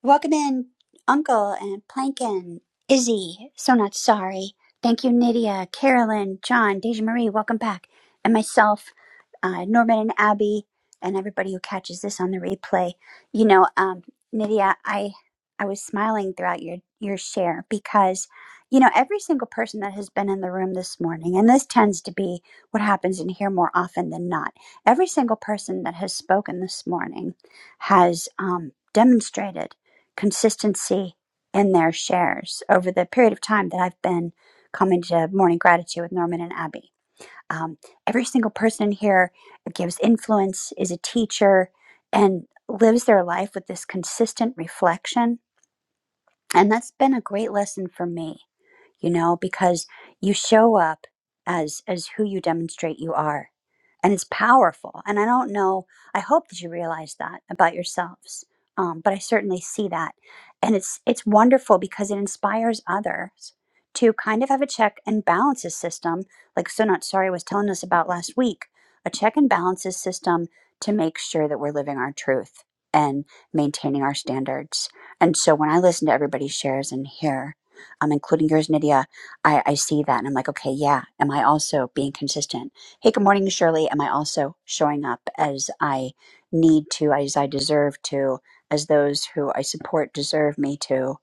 Welcome in, Uncle and Plankin, Izzy. So not sorry. Thank you, Nydia, Carolyn, John, Deja Marie. Welcome back, and myself, uh, Norman and Abby, and everybody who catches this on the replay. You know, um, Nydia, I I was smiling throughout your your share because you know every single person that has been in the room this morning, and this tends to be what happens in here more often than not. Every single person that has spoken this morning has um, demonstrated consistency in their shares over the period of time that I've been coming to Morning Gratitude with Norman and Abby. Um, every single person in here gives influence, is a teacher, and lives their life with this consistent reflection. And that's been a great lesson for me you know, because you show up as as who you demonstrate you are. And it's powerful. And I don't know, I hope that you realize that about yourselves. Um, but I certainly see that. And it's it's wonderful because it inspires others to kind of have a check and balances system, like So Not Sorry was telling us about last week, a check and balances system to make sure that we're living our truth and maintaining our standards. And so when I listen to everybody's shares and hear um, including yours, Nydia, I, I see that and I'm like, okay, yeah. Am I also being consistent? Hey, good morning, Shirley. Am I also showing up as I need to, as I deserve to, as those who I support deserve me to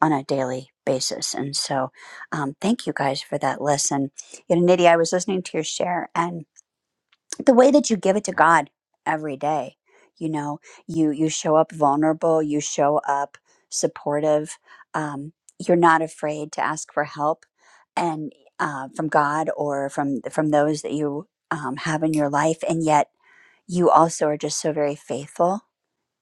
on a daily basis? And so um, thank you guys for that lesson. You know, Nydia, I was listening to your share and the way that you give it to God every day. You know, you you show up vulnerable, you show up supportive. Um, you're not afraid to ask for help, and uh, from God or from from those that you um, have in your life, and yet you also are just so very faithful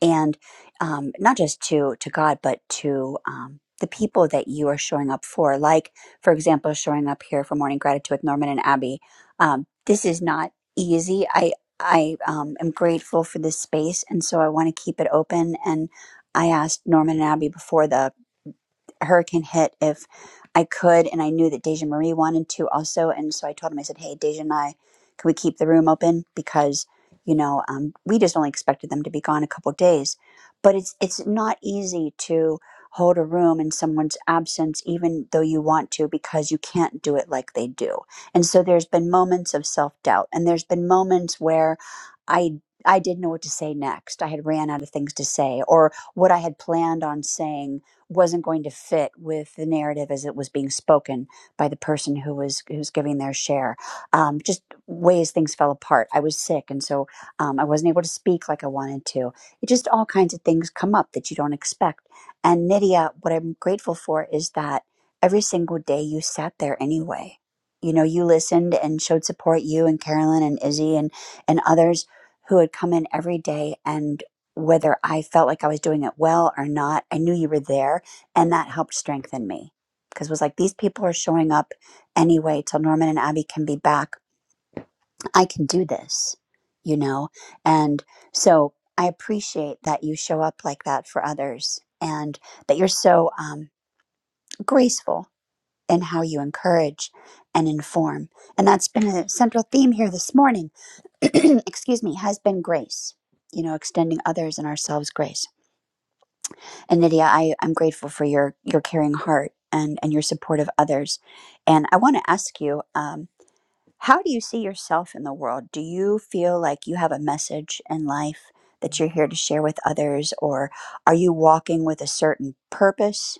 and um, not just to to God, but to um, the people that you are showing up for. Like, for example, showing up here for morning gratitude with Norman and Abby. Um, this is not easy. I I um, am grateful for this space, and so I want to keep it open. And I asked Norman and Abby before the hurricane hit if I could, and I knew that Deja Marie wanted to also, and so I told him, I said, "Hey, Deja and I, can we keep the room open because you know um, we just only expected them to be gone a couple days, but it's it's not easy to hold a room in someone's absence, even though you want to, because you can't do it like they do, and so there's been moments of self doubt, and there's been moments where I. I didn't know what to say next. I had ran out of things to say, or what I had planned on saying wasn't going to fit with the narrative as it was being spoken by the person who was who's giving their share. Um, just ways things fell apart. I was sick, and so um, I wasn't able to speak like I wanted to. It just all kinds of things come up that you don't expect. And Nydia, what I'm grateful for is that every single day you sat there anyway. You know, you listened and showed support. You and Carolyn and Izzy and and others who had come in every day and whether I felt like I was doing it well or not. I knew you were there, and that helped strengthen me because it was like these people are showing up anyway till Norman and Abby can be back. I can do this, you know? And so I appreciate that you show up like that for others and that you're so um, graceful in how you encourage and inform. And that's been a central theme here this morning. <clears throat> Excuse me, has been grace, you know, extending others and ourselves grace. And Nydia, I, I'm grateful for your your caring heart and and your support of others. And I want to ask you, um, how do you see yourself in the world? Do you feel like you have a message in life that you're here to share with others, or are you walking with a certain purpose?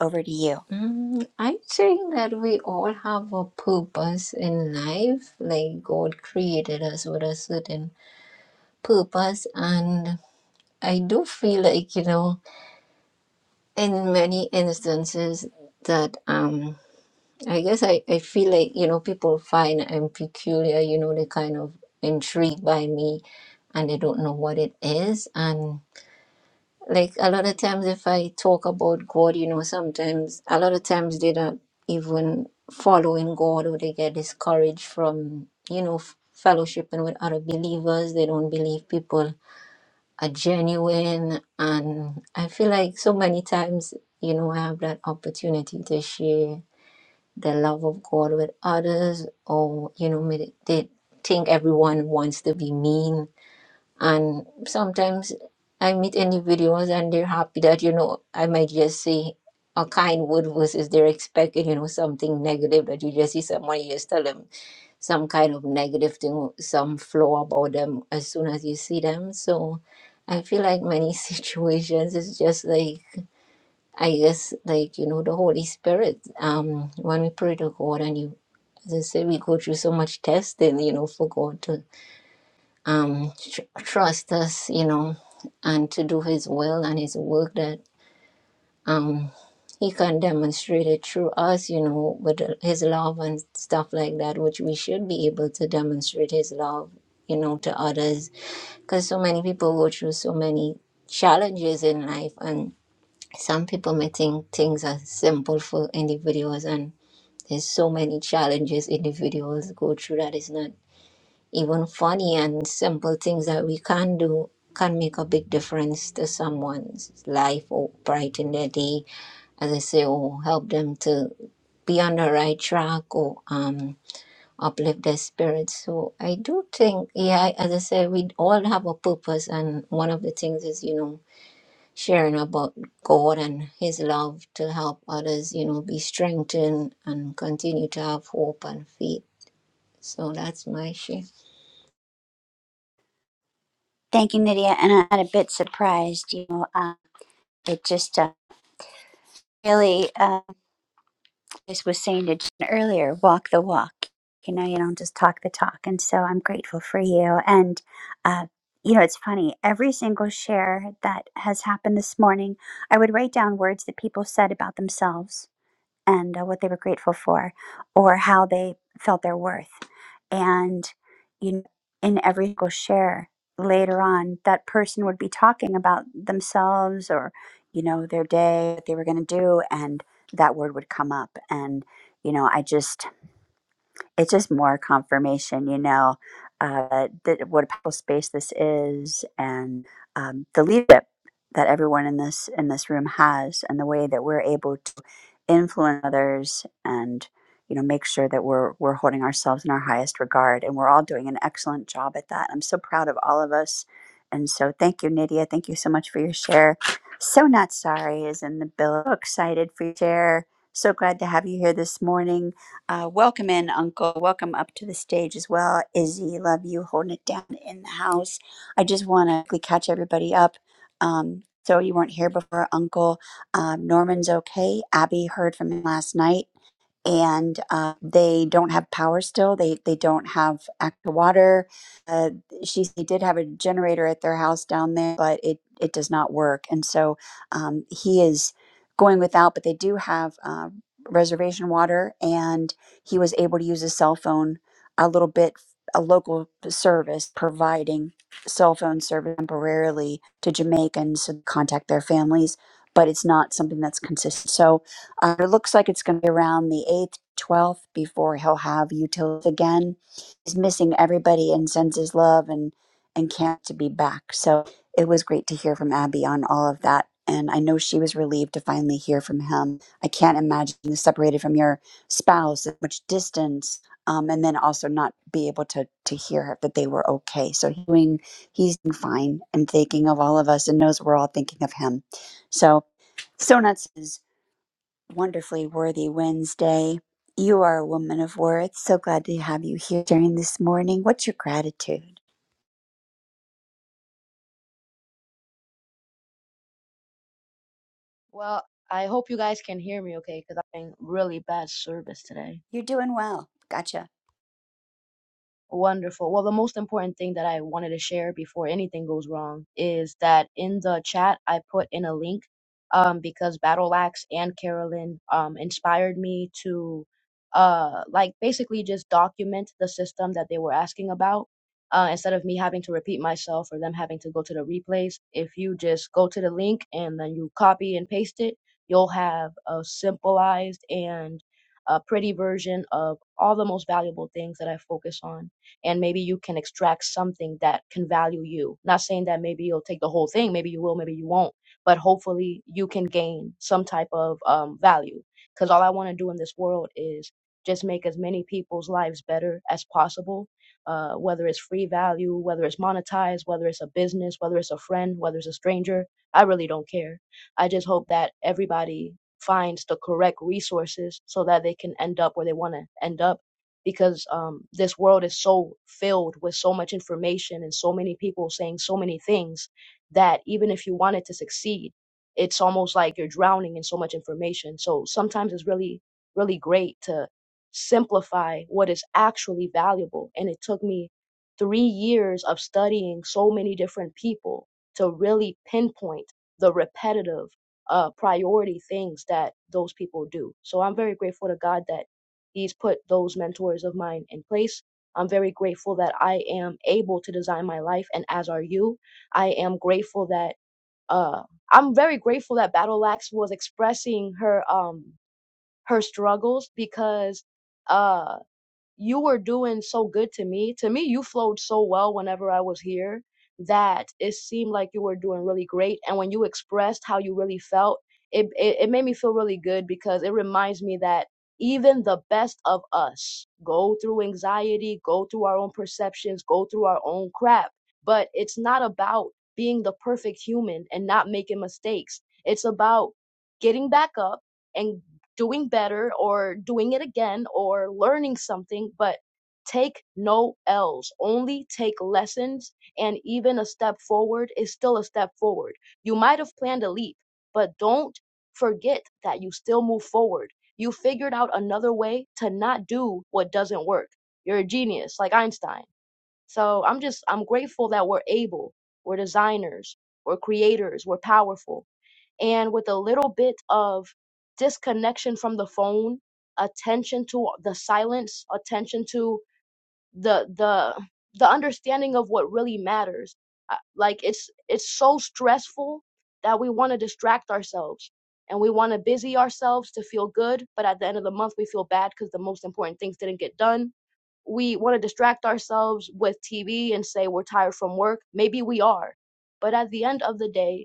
Over to you. Mm, I think that we all have a purpose in life. Like God created us with a certain purpose, and I do feel like, you know, in many instances that um I guess I, I feel like, you know, people find I'm peculiar, you know, they kind of intrigued by me and they don't know what it is. and. Like a lot of times, if I talk about God, you know, sometimes a lot of times they don't even follow in God or they get discouraged from, you know, f- fellowshipping with other believers. They don't believe people are genuine. And I feel like so many times, you know, I have that opportunity to share the love of God with others, or, you know, may- they think everyone wants to be mean and sometimes I meet individuals and they're happy that, you know, I might just say a kind word versus they're expecting, you know, something negative that you just see someone, you just tell them some kind of negative thing, some flaw about them as soon as you see them. So I feel like many <laughs> situations it's just like I guess like, you know, the Holy Spirit. Um when we pray to God and you as I say we go through so much testing, you know, for God to um, tr- trust us, you know, and to do His will and His work that um, He can demonstrate it through us, you know, with His love and stuff like that, which we should be able to demonstrate His love, you know, to others. Because so many people go through so many challenges in life, and some people may think things are simple for individuals, and there's so many challenges individuals go through that is not even funny and simple things that we can do can make a big difference to someone's life or brighten their day, as I say, or help them to be on the right track or um, uplift their spirits. So I do think, yeah, as I said, we all have a purpose, and one of the things is, you know, sharing about God and His love to help others, you know, be strengthened and continue to have hope and faith. So that's my share. Thank you, Nydia. And I'm a bit surprised. You know, uh, it just uh, really. Uh, just was saying to Jen earlier, walk the walk. You know, you don't just talk the talk. And so I'm grateful for you. And, uh, you know, it's funny, every single share that has happened this morning, I would write down words that people said about themselves and uh, what they were grateful for or how they felt their worth. And you know, in every single share later on, that person would be talking about themselves or, you know, their day, what they were going to do. And that word would come up. And, you know, I just it's just more confirmation, you know, uh, that what a powerful space this is, and um, the leadership that everyone in this in this room has, and the way that we're able to influence others, and you know, make sure that we're we're holding ourselves in our highest regard, and we're all doing an excellent job at that. I'm so proud of all of us, and so thank you, Nydia. Thank you so much for your share. So not sorry is in the bill. So excited for your share. So glad to have you here this morning uh, welcome in, Uncle. Welcome up to the stage as well. Izzy, love you holding it down in the house. I just want to quickly catch everybody up. Um, so you weren't here before, Uncle. Um, Norman's okay. Abby heard from him last night and uh, they don't have power still. They they don't have actual water. Uh, she they did have a generator at their house down there, but it it does not work, and so um, he is going without. But they do have uh, reservation water, and he was able to use his cell phone a little bit. A local service providing cell phone service temporarily to Jamaicans to contact their families, but it's not something that's consistent. So uh, it looks like it's going to be around the 8th, 12th before he'll have utils again. He's missing everybody and sends his love and, and can't to be back. So it was great to hear from Abby on all of that. And I know she was relieved to finally hear from him. I can't imagine being separated from your spouse at much distance um, and then also not be able to, to hear that they were okay. So he's doing, he's doing fine and thinking of all of us and knows we're all thinking of him. So, so is wonderfully worthy Wednesday. You are a woman of worth. So glad to have you here during this morning. What's your gratitude? Well, I hope you guys can hear me okay, because I'm in really bad service today. You're doing well. Gotcha. Wonderful. Well, the most important thing that I wanted to share before anything goes wrong is that in the chat I put in a link um, because Battle Axe and Carolyn um, inspired me to uh, like basically just document the system that they were asking about. Uh, instead of me having to repeat myself or them having to go to the replays, if you just go to the link and then you copy and paste it, you'll have a simplified and a pretty version of all the most valuable things that I focus on and maybe you can extract something that can value you. Not saying that maybe you'll take the whole thing, maybe you will, maybe you won't, but hopefully you can gain some type of um, value. Because all I want to do in this world is just make as many people's lives better as possible, uh, whether it's free value, whether it's monetized, whether it's a business, whether it's a friend, whether it's a stranger. I really don't care. I just hope that everybody finds the correct resources so that they can end up where they want to end up because um, this world is so filled with so much information and so many people saying so many things that even if you wanted to succeed, it's almost like you're drowning in so much information. So sometimes it's really, really great to simplify what is actually valuable. And it took me three years of studying so many different people to really pinpoint the repetitive uh, priority things that those people do. So I'm very grateful to God that He's put those mentors of mine in place. I'm very grateful that I am able to design my life, and as are you. I am grateful that uh, I'm very grateful that Battle Axe was expressing her um her struggles because uh you were doing so good to me. To me, you flowed so well whenever I was here that it seemed like you were doing really great. And when you expressed how you really felt, it, it, it made me feel really good because it reminds me that even the best of us go through anxiety, go through our own perceptions, go through our own crap. But it's not about being the perfect human and not making mistakes. It's about getting back up and doing better or doing it again or learning something, but take no L's. Only take lessons, and even a step forward is still a step forward. You might have planned a leap, but don't forget that you still move forward. You figured out another way to not do what doesn't work. You're a genius, like Einstein. So I'm just, I'm grateful that we're able, we're designers, we're creators, we're powerful and with a little bit of disconnection from the phone attention to the silence attention to the the the understanding of what really matters Uh, like it's it's so stressful that we want to distract ourselves and we want to busy ourselves to feel good but at the end of the month we feel bad because the most important things didn't get done we want to distract ourselves with tv and say we're tired from work maybe we are but at the end of the day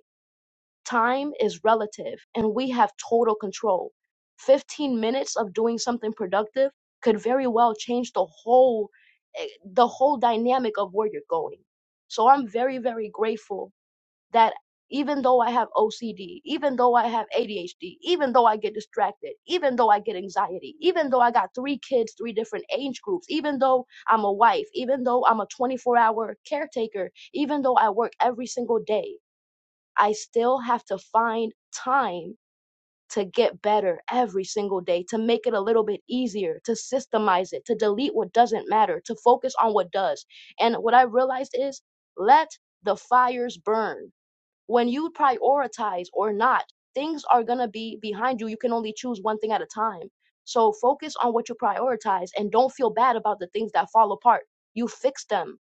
Time is relative, and we have total control. 15 minutes of doing something productive could very well change the whole eh, the whole dynamic of where you're going. So I'm very very grateful that even though I have OCD, even though I have ADHD, even though I get distracted, even though I get anxiety, even though I got three kids, three different age groups, even though I'm a wife, even though I'm a 24 hour caretaker, even though I work every single day, I still have to find time to get better every single day, to make it a little bit easier, to systemize it, to delete what doesn't matter, to focus on what does. And what I realized is let the fires burn when you prioritize or not, things are going to be behind you. You can only choose one thing at a time. So focus on what you prioritize and don't feel bad about the things that fall apart. You fix them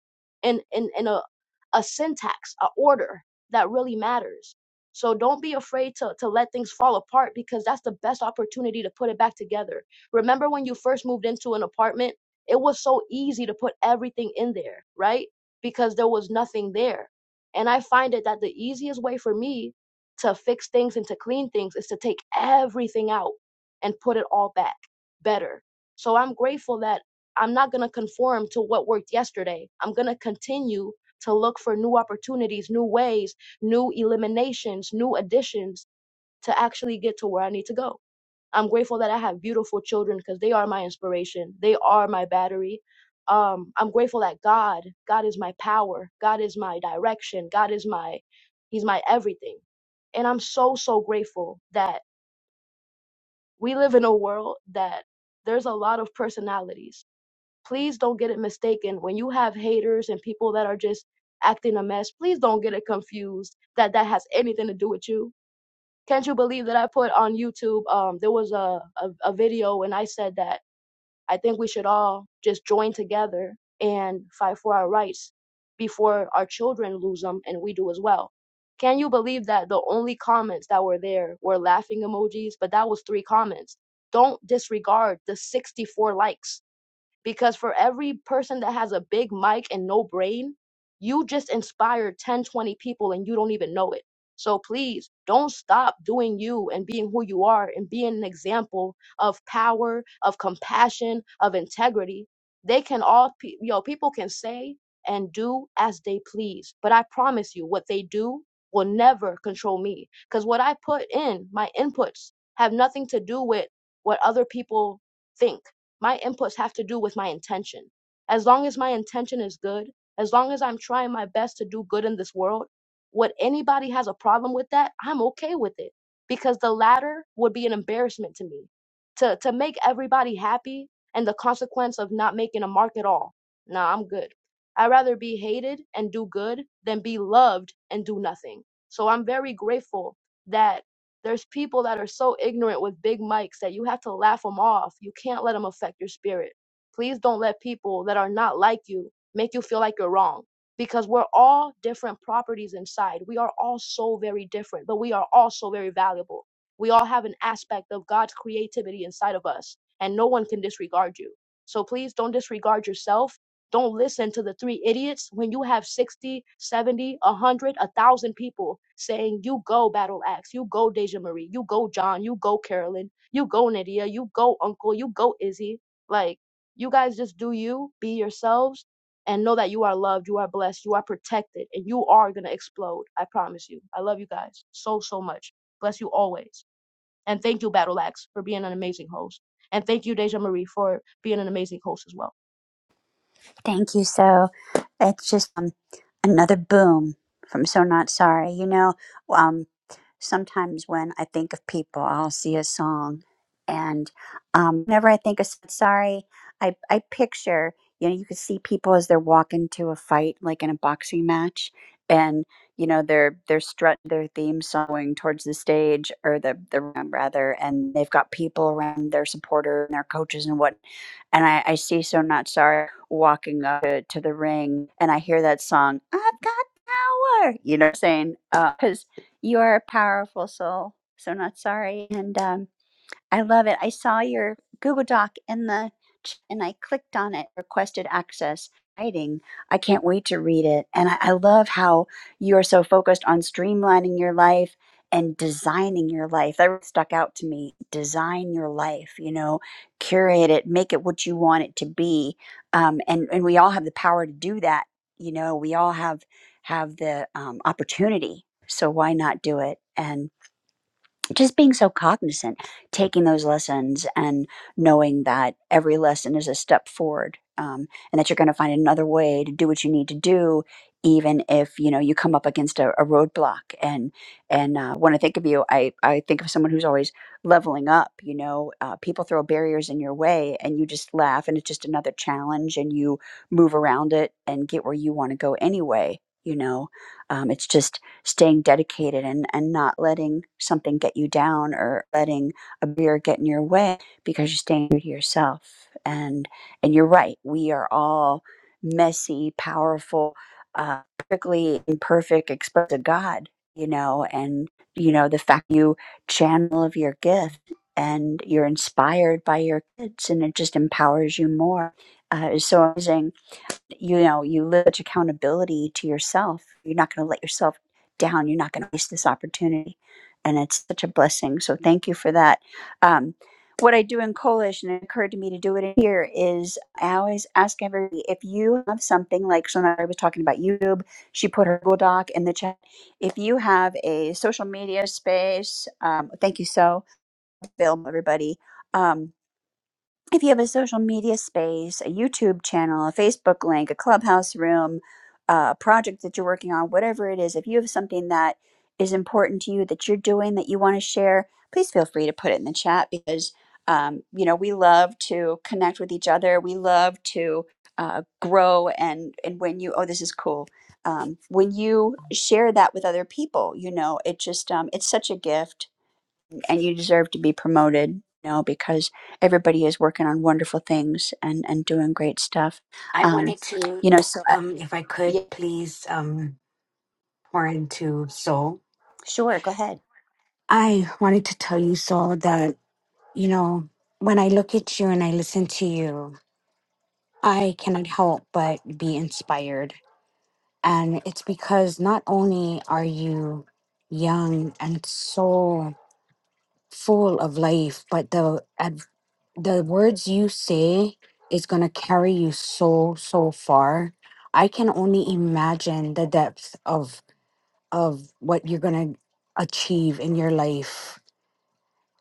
in in, in a a syntax, a order that really matters. So don't be afraid to, to let things fall apart because that's the best opportunity to put it back together. Remember when you first moved into an apartment, it was so easy to put everything in there, right? Because there was nothing there and I find it that the easiest way for me to fix things and to clean things is to take everything out and put it all back better. So I'm grateful that I'm not going to conform to what worked yesterday. I'm going to continue to look for new opportunities, new ways, new eliminations, new additions to actually get to where I need to go. I'm grateful that I have beautiful children because they are my inspiration. They are my battery. Um, I'm grateful that God, God is my power. God is my direction. God is my, He's my everything. And I'm so, so grateful that we live in a world that there's a lot of personalities. Please don't get it mistaken. When you have haters and people that are just acting a mess, please don't get it confused that that has anything to do with you can't you believe that I put on YouTube? Um, there was a, a a video, and I said that I think we should all just join together and fight for our rights before our children lose them, and we do as well. Can you believe that the only comments that were there were laughing emojis? But that was three comments. Don't disregard the 64 likes because for every person that has a big mic and no brain, you just inspired 10, 20 people and you don't even know it. So please don't stop doing you and being who you are and being an example of power, of compassion, of integrity. They can all, pe- you know, people can say and do as they please. But I promise you, what they do will never control me because what I put in, my inputs, have nothing to do with what other people think my inputs have to do with my intention. As long as my intention is good, as long as I'm trying my best to do good in this world, what anybody has a problem with that, I'm okay with it because the latter would be an embarrassment to me. To to make everybody happy and the consequence of not making a mark at all. Nah, I'm good. I'd rather be hated and do good than be loved and do nothing. So I'm very grateful that there's people that are so ignorant with big mics that you have to laugh them off. You can't let them affect your spirit. Please don't let people that are not like you make you feel like you're wrong because we're all different properties inside. We are all so very different, but we are all so very valuable. We all have an aspect of God's creativity inside of us, and no one can disregard you. So please don't disregard yourself don't listen to the three idiots when you have 60, 70, 100, 1,000 people saying, You go, Battle Axe. You go, Deja Marie. You go, John. You go, Carolyn. You go, Nydia. You go, Uncle. You go, Izzy. Like, you guys just do you, be yourselves, and know that you are loved, you are blessed, you are protected, and you are going to explode. I promise you. I love you guys so, so much. Bless you always. And thank you, Battle Axe, for being an amazing host. And thank you, Deja Marie, for being an amazing host as well. Thank you. So it's just um, another boom from So Not Sorry. You know, um, sometimes when I think of people, I'll see a song, and um, whenever I think of So Not Sorry, I I picture you know you can see people as they're walking to a fight, like in a boxing match, and you know they're they're strut their theme song going towards the stage or the the room rather, and they've got people around their supporter and their coaches and what and I, I see So Not Sorry walking up to, to the ring, and I hear that song, I've got power, you know, what I'm saying, because you are a powerful soul, so not sorry. And um, I love it. I saw your Google Doc in the ch- and I clicked on it, requested access. Writing. I can't wait to read it. And I, I love how you are so focused on streamlining your life and designing your life. That really stuck out to me. Design your life, you know, curate it, make it what you want it to be. Um, and, and we all have the power to do that. You know, we all have have the um, opportunity. So why not do it? And just being so cognizant, taking those lessons and knowing that every lesson is a step forward, um, and that you're going to find another way to do what you need to do, even if you know you come up against a, a roadblock. And and uh, when I think of you, I I think of someone who's always leveling up. You know, uh, people throw barriers in your way, and you just laugh, and it's just another challenge, and you move around it and get where you want to go anyway. You know, um, it's just staying dedicated and, and not letting something get you down or letting a beer get in your way because you're staying true to yourself. And and you're right, we are all messy, powerful, uh, perfectly imperfect express of God, you know, and you know, the fact you channel of your gift and you're inspired by your kids and it just empowers you more uh, is so amazing you know you live such accountability to yourself you're not going to let yourself down you're not going to waste this opportunity and it's such a blessing so thank you for that um, what i do in coalition it occurred to me to do it here is i always ask everybody if you have something like so i was talking about youtube she put her google doc in the chat if you have a social media space um, thank you so film everybody Um, if you have a social media space, a YouTube channel, a Facebook link, a clubhouse room, uh, a project that you're working on, whatever it is, if you have something that is important to you that you're doing that you want to share, please feel free to put it in the chat because, um, you know, we love to connect with each other. We love to uh, grow. And, and when you, oh, this is cool. Um, when you share that with other people, you know, it just, um, it's such a gift and you deserve to be promoted you know because everybody is working on wonderful things and and doing great stuff I um wanted to, you know so I- um, if I could, yeah please um, pour into Soul. sure go ahead I wanted to tell you, Soul, that, you know, when I look at you and I listen to you, I cannot help but be inspired. And it's because not only are you young and so full of life, but the ad- the words you say is going to carry you so, so far. I can only imagine the depth of of what you're going to achieve in your life.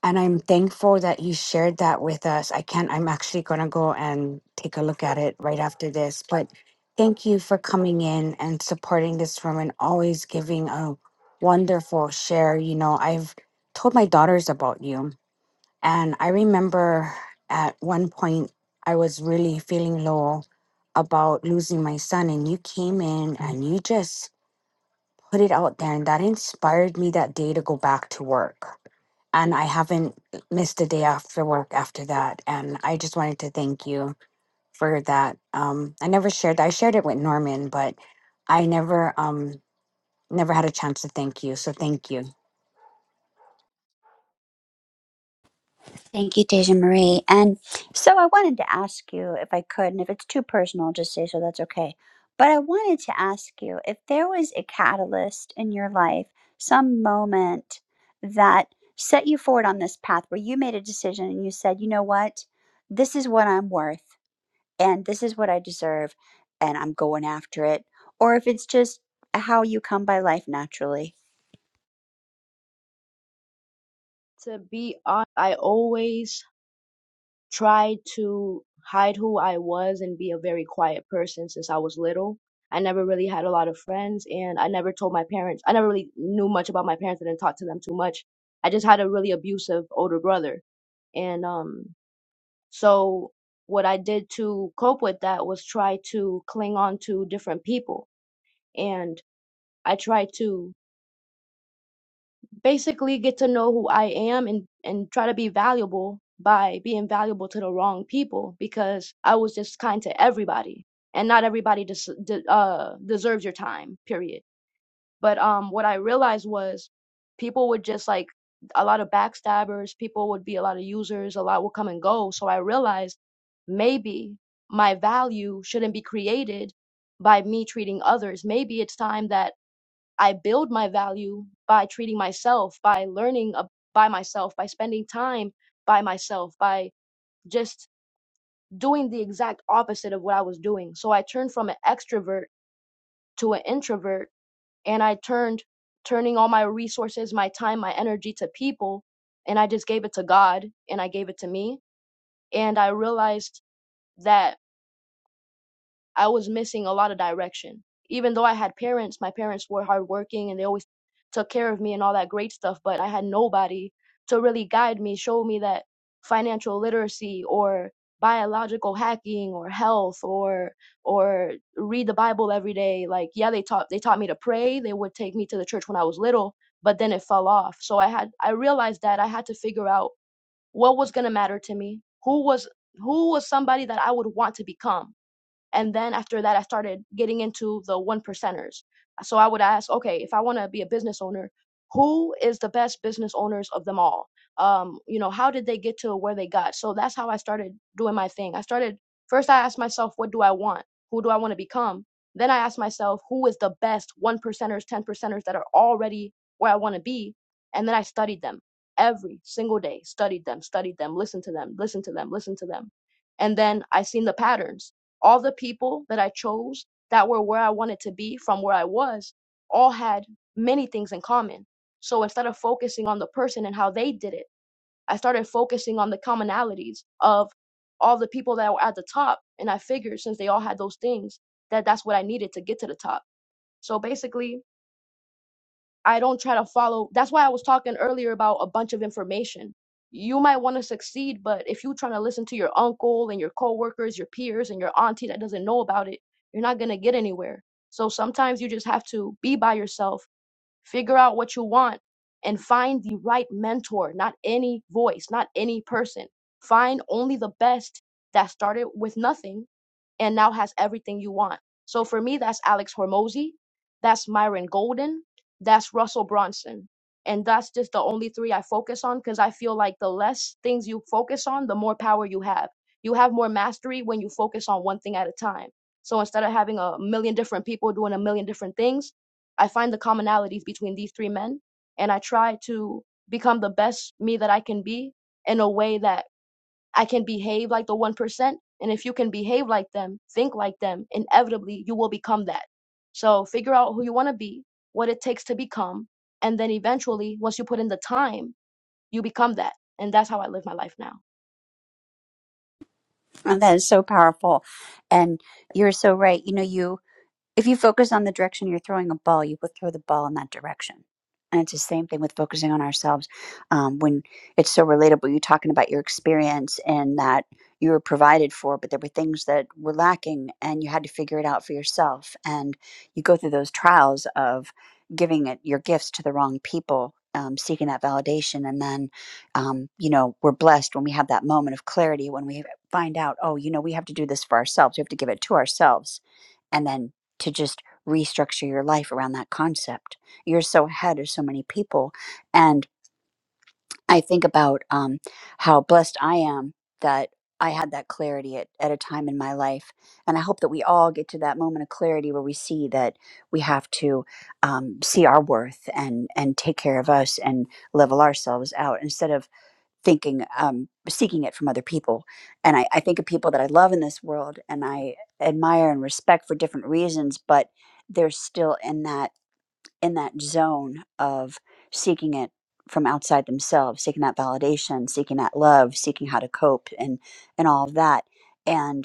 And I'm thankful that you shared that with us. I can't, I'm actually going to go and take a look at it right after this. But thank you for coming in and supporting this room and always giving a wonderful share. You know, I've told my daughters about you. And I remember at one point, I was really feeling low about losing my son, and you came in and you just put it out there and that inspired me that day to go back to work and i haven't missed a day after work after that and i just wanted to thank you for that um i never shared i shared it with norman but i never um never had a chance to thank you so thank you thank you deja marie and so i wanted to ask you if i could and if it's too personal just say so that's okay but i wanted to ask you if there was a catalyst in your life some moment that set you forward on this path where you made a decision and you said you know what this is what i'm worth and this is what I deserve and I'm going after it. Or if it's just how you come by life naturally. to be honest, I always tried to hide who I was and be a very quiet person since I was little. I never really had a lot of friends, and I never told my parents. I never really knew much about my parents. I didn't talk to them too much. I just had a really abusive older brother, and um, so what I did to cope with that was try to cling on to different people, and I tried to basically get to know who I am and and try to be valuable by being valuable to the wrong people because I was just kind to everybody and not everybody des- de- uh deserves your time period but um what I realized was people would just like a lot of backstabbers people would be a lot of users a lot would come and go so I realized maybe my value shouldn't be created by me treating others maybe it's time that I build my value by treating myself, by learning ab- by myself, by spending time by myself, by just doing the exact opposite of what I was doing. So I turned from an extrovert to an introvert and I turned turning all my resources, my time, my energy to people and I just gave it to God and I gave it to me and I realized that I was missing a lot of direction. Even though I had parents, my parents were hardworking and they always took care of me and all that great stuff, but I had nobody to really guide me, show me that financial literacy or biological hacking or health or or read the Bible every day. Like, yeah, they taught they taught me to pray. They would take me to the church when I was little, but then it fell off. So I had I realized that I had to figure out what was going to matter to me. Who was who was somebody that I would want to become? And then after that, I started getting into the one percenters. So I would ask, okay, if I want to be a business owner, who is the best business owners of them all? Um, you know, how did they get to where they got? So that's how I started doing my thing. I started first, I asked myself, what do I want? Who do I want to become? Then I asked myself, who is the best one percenters, 10 percenters that are already where I want to be? And then I studied them every single day, studied them, studied them, listened to them, listened to them, listened to them. And then I seen the patterns all the people that I chose that were where I wanted to be from where I was all had many things in common. So instead of focusing on the person and how they did it, I started focusing on the commonalities of all the people that were at the top. And I figured since they all had those things, that that's what I needed to get to the top. So basically, I don't try to follow. That's why I was talking earlier about a bunch of information. You might want to succeed, but if you're trying to listen to your uncle and your coworkers, your peers, and your auntie that doesn't know about it, you're not going to get anywhere. So sometimes you just have to be by yourself Figure out what you want and find the right mentor, not any voice, not any person. Find only the best that started with nothing and now has everything you want. So for me, that's Alex Hormozy, that's Myron Golden, that's Russell Bronson. And that's just the only three I focus on because I feel like the less things you focus on, the more power you have. You have more mastery when you focus on one thing at a time. So instead of having a million different people doing a million different things, I find the commonalities between these three men and I try to become the best me that I can be in a way that I can behave like the 1%. And if you can behave like them, think like them, inevitably you will become that. So figure out who you want to be, what it takes to become. And then eventually, once you put in the time, you become that. And that's how I live my life now. And that is so powerful. And you're so right. You know, you If you focus on the direction you're throwing a ball, you will throw the ball in that direction. And it's the same thing with focusing on ourselves. Um, when it's so relatable, you're talking about your experience and that you were provided for, but there were things that were lacking and you had to figure it out for yourself. And you go through those trials of giving it your gifts to the wrong people, um, seeking that validation. And then, um, you know, we're blessed when we have that moment of clarity when we find out, oh, you know, we have to do this for ourselves. We have to give it to ourselves and then to just restructure your life around that concept. You're so ahead of so many people. And I think about um, how blessed I am that I had that clarity at, at a time in my life. And I hope that we all get to that moment of clarity where we see that we have to um, see our worth and, and take care of us and level ourselves out instead of thinking um, seeking it from other people and I, I think of people that i love in this world and i admire and respect for different reasons but they're still in that in that zone of seeking it from outside themselves seeking that validation seeking that love seeking how to cope and and all of that and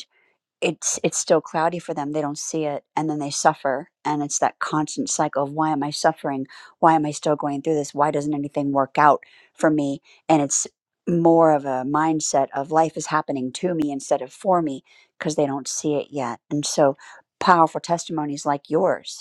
it's it's still cloudy for them they don't see it and then they suffer and it's that constant cycle of why am i suffering why am i still going through this why doesn't anything work out for me and it's more of a mindset of life is happening to me instead of for me because they don't see it yet and so powerful testimonies like yours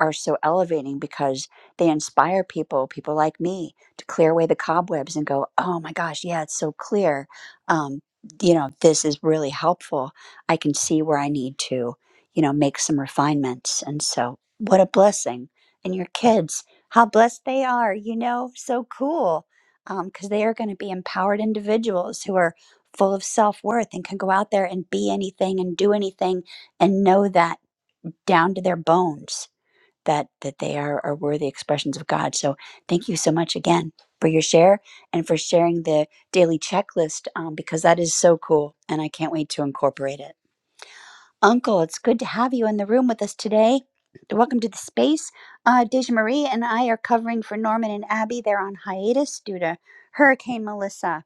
are so elevating because they inspire people, people like me, to clear away the cobwebs and go, oh my gosh, yeah, it's so clear. Um, you know, this is really helpful. I can see where I need to, you know, make some refinements. And so, what a blessing. And your kids, how blessed they are, you know, so cool. Because they are going to be empowered individuals who are full of self worth and can go out there and be anything and do anything and know that down to their bones that that they are, are worthy expressions of God. So thank you so much again for your share and for sharing the daily checklist um, because that is so cool and I can't wait to incorporate it. Uncle, it's good to have you in the room with us today. Welcome to the space. Uh, Deja Marie and I are covering for Norman and Abby. They're on hiatus due to Hurricane Melissa.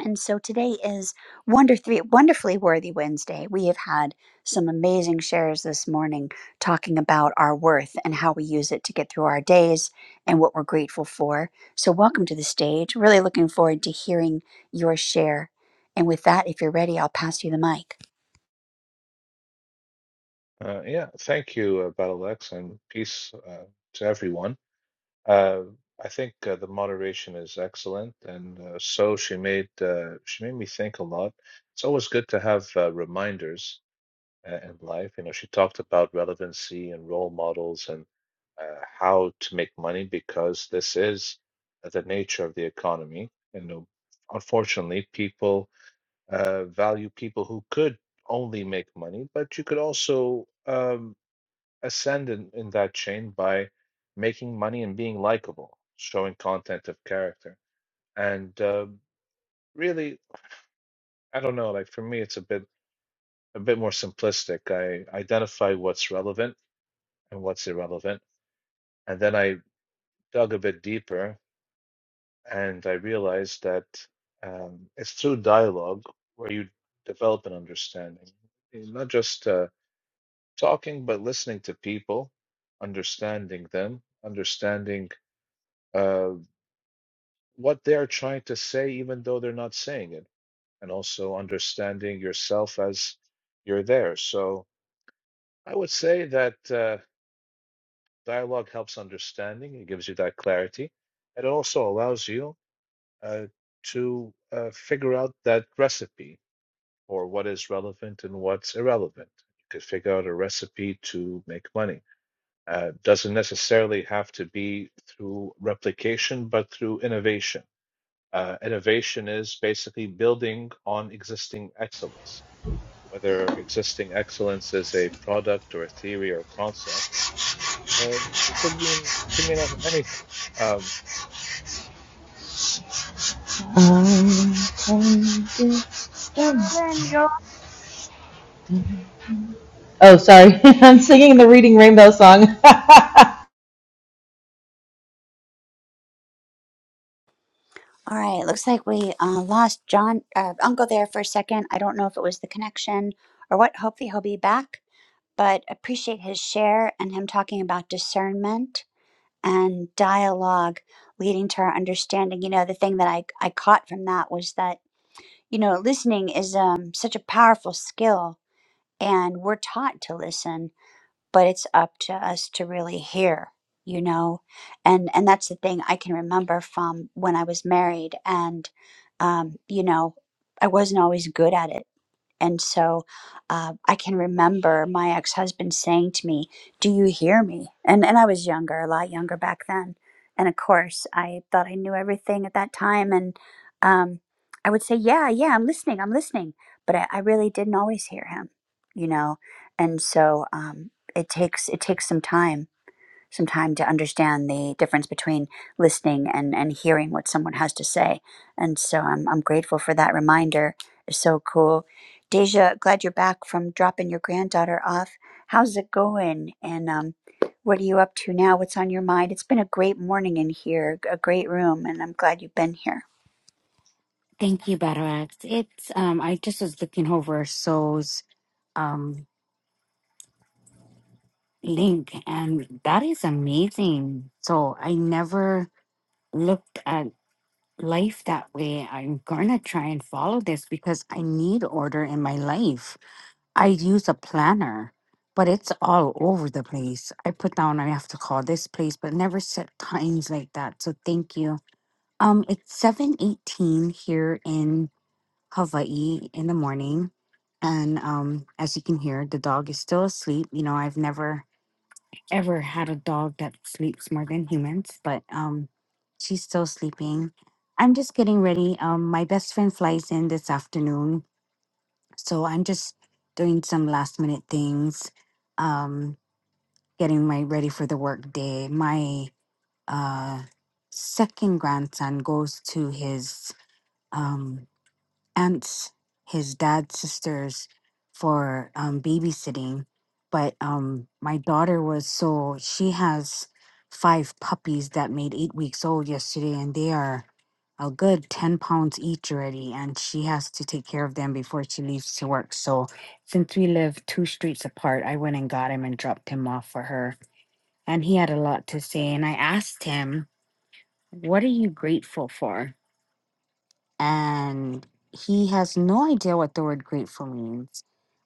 And so today is Wonder Three Wonderfully Worthy Wednesday. We have had some amazing shares this morning talking about our worth and how we use it to get through our days and what we're grateful for. So welcome to the stage. Really looking forward to hearing your share. And with that, if you're ready, I'll pass you the mic. Uh, yeah, thank you, uh, Battlex, and peace uh, to everyone. Uh, I think uh, the moderation is excellent, and uh, so she made uh, she made me think a lot. It's always good to have uh, reminders uh, in life. You know, she talked about relevancy and role models and uh, how to make money because this is the nature of the economy. And uh, unfortunately, people uh, value people who could only make money, but you could also. Um, ascendant in that chain by making money and being likable, showing content of character. And uh, really, I don't know. Like for me, it's a bit a bit more simplistic. I identify what's relevant and what's irrelevant, and then I dug a bit deeper, and I realized that um, it's through dialogue where you develop an understanding, not just uh, talking, but listening to people, understanding them, understanding. Uh, what they're trying to say, even though they're not saying it, and also understanding yourself as you're there. So I would say that uh, dialogue helps understanding, it gives you that clarity, and it also allows you uh, to uh, figure out that recipe or what is relevant and what's irrelevant. You could figure out a recipe to make money. Uh, doesn't necessarily have to be through replication, but through innovation Uh, innovation is basically building on existing excellence, whether existing excellence is a product or a theory or concept. Uh, it could mean it could mean anything. Um, Oh, sorry. <laughs> I'm singing the Reading Rainbow song. <laughs> All right, looks like we uh, lost John uh, Uncle there for a second. I don't know if it was the connection or what. Hopefully, he'll be back. But appreciate his share and him talking about discernment and dialogue leading to our understanding. You know, the thing that I, I caught from that was that, you know, listening is um, such a powerful skill and we're taught to listen, but it's up to us to really hear you know and and that's the thing i can remember from when i was married and um you know i wasn't always good at it and so uh, I can remember my ex husband saying to me, Do you hear me? And, and I was younger, a lot younger back then. And of course, I thought I knew everything at that time. And um, I would say, Yeah, yeah, I'm listening, I'm listening. But I, I really didn't always hear him, you know? And so um, it takes it takes some time some time to understand the difference between listening and, and hearing what someone has to say. And so I'm, I'm grateful for that reminder. It's so cool. Deja, glad you're back from dropping your granddaughter off. How's it going? And um, what are you up to now? What's on your mind? It's been a great morning in here, a great room, and I'm glad you've been here. Thank you, Barack. It's um I just was looking over So's um link and that is amazing. So I never looked at life that way. I'm gonna try and follow this because I need order in my life. I use a planner, but it's all over the place. I put down I have to call this place, but never set times like that. So thank you. Um, it's seven eighteen here in Hawaii in the morning. And um, as you can hear, the dog is still asleep. You know, I've never ever had a dog that sleeps more than humans, but um, she's still sleeping. I'm just getting ready. Um, my best friend flies in this afternoon, so I'm just doing some last minute things, um, getting my ready for the work day. My uh, second grandson goes to his um aunts, his dad's sisters for um, babysitting. But um, my daughter was so she has five puppies that made eight weeks old yesterday, and they are a good 10 pounds each already. And she has to take care of them before she leaves to work. So since we live two streets apart, I went and got him and dropped him off for her. And he had a lot to say. And I asked him, What are you grateful for? and he has no idea what the word grateful means,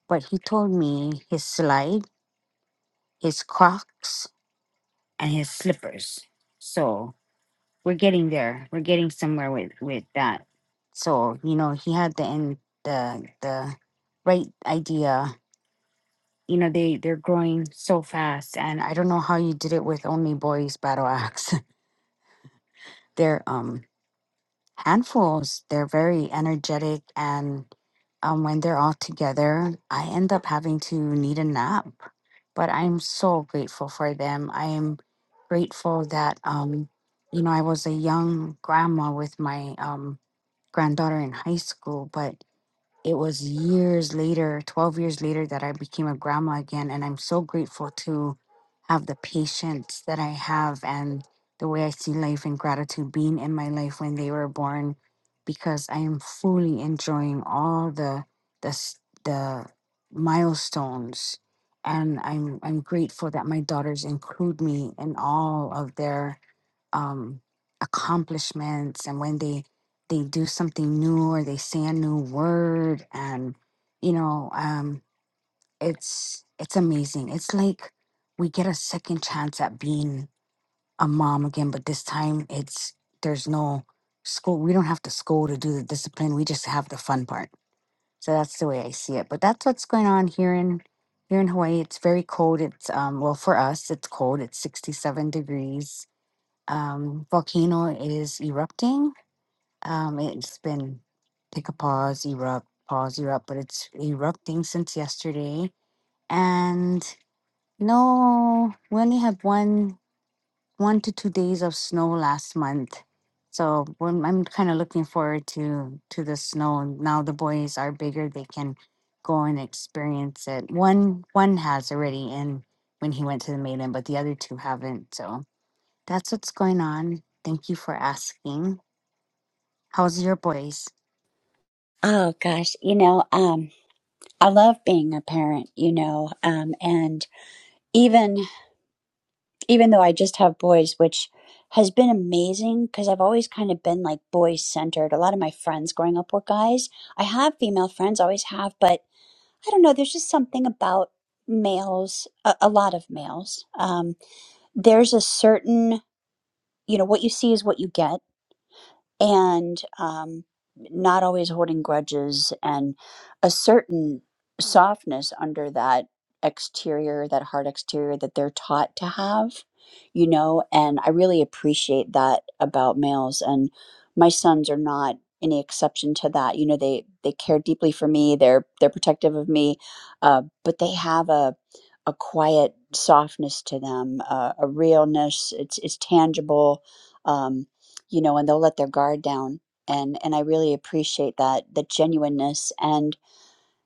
but he told me his slide, his Crocs, and his slippers. So we're getting there. We're getting somewhere with with that. So you know, he had the end the the right idea. You know, they they're growing so fast, and I don't know how you did it with only boys battle axe. <laughs> they're um handfuls. They're very energetic, and um, when they're all together, I end up having to need a nap. But I'm so grateful for them. I am grateful that um, you know I was a young grandma with my um, granddaughter in high school, but it was years later, 12 years later, that I became a grandma again. And I'm so grateful to have the patience that I have and the way I see life and gratitude being in my life when they were born, because I am fully enjoying all the the s- the milestones, and I'm I'm grateful that my daughters include me in all of their um, accomplishments and when they they do something new or they say a new word and you know um, it's it's amazing. It's like we get a second chance at being a mom again, but this time it's there's no school. We don't have to school to do the discipline. We just have the fun part. So that's the way I see it. But that's what's going on here in here in Hawaii. It's very cold. It's um well for us it's cold. It's 67 degrees um, volcano is erupting. Um, it's been take a pause, erupt, pause, erupt, but it's erupting since yesterday. And no, we only had one one to two days of snow last month. So when I'm kind of looking forward to to the snow. Now the boys are bigger; they can go and experience it. One one has already in when he went to the maiden, but the other two haven't. So that's what's going on. Thank you for asking. How's your boys? Oh gosh, you know, um, I love being a parent, you know, um, and even even though I just have boys, which has been amazing because I've always kind of been like boy centered. A lot of my friends growing up were guys. I have female friends, always have, but I don't know. There's just something about males, a, a lot of males. Um, there's a certain, you know, what you see is what you get and um, not always holding grudges and a certain softness under that exterior that hard exterior that they're taught to have you know and i really appreciate that about males and my sons are not any exception to that you know they they care deeply for me they're they're protective of me uh, but they have a a quiet softness to them uh, a realness it's it's tangible Um, you know, and they'll let their guard down. And and I really appreciate that the genuineness and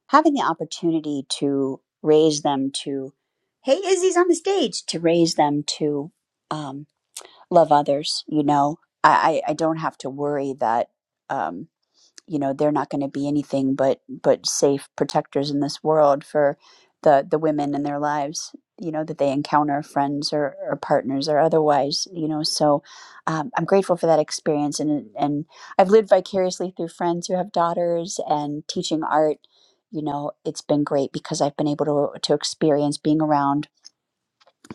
having the opportunity to raise them to, hey, Izzy's on the stage, to raise them to um, love others. You know, I I, I don't have to worry that. Um, you know they're not going to be anything but but safe protectors in this world for the the women in their lives you know that they encounter friends or, or partners or otherwise you know so um, i'm grateful for that experience and and i've lived vicariously through friends who have daughters and teaching art you know it's been great because i've been able to to experience being around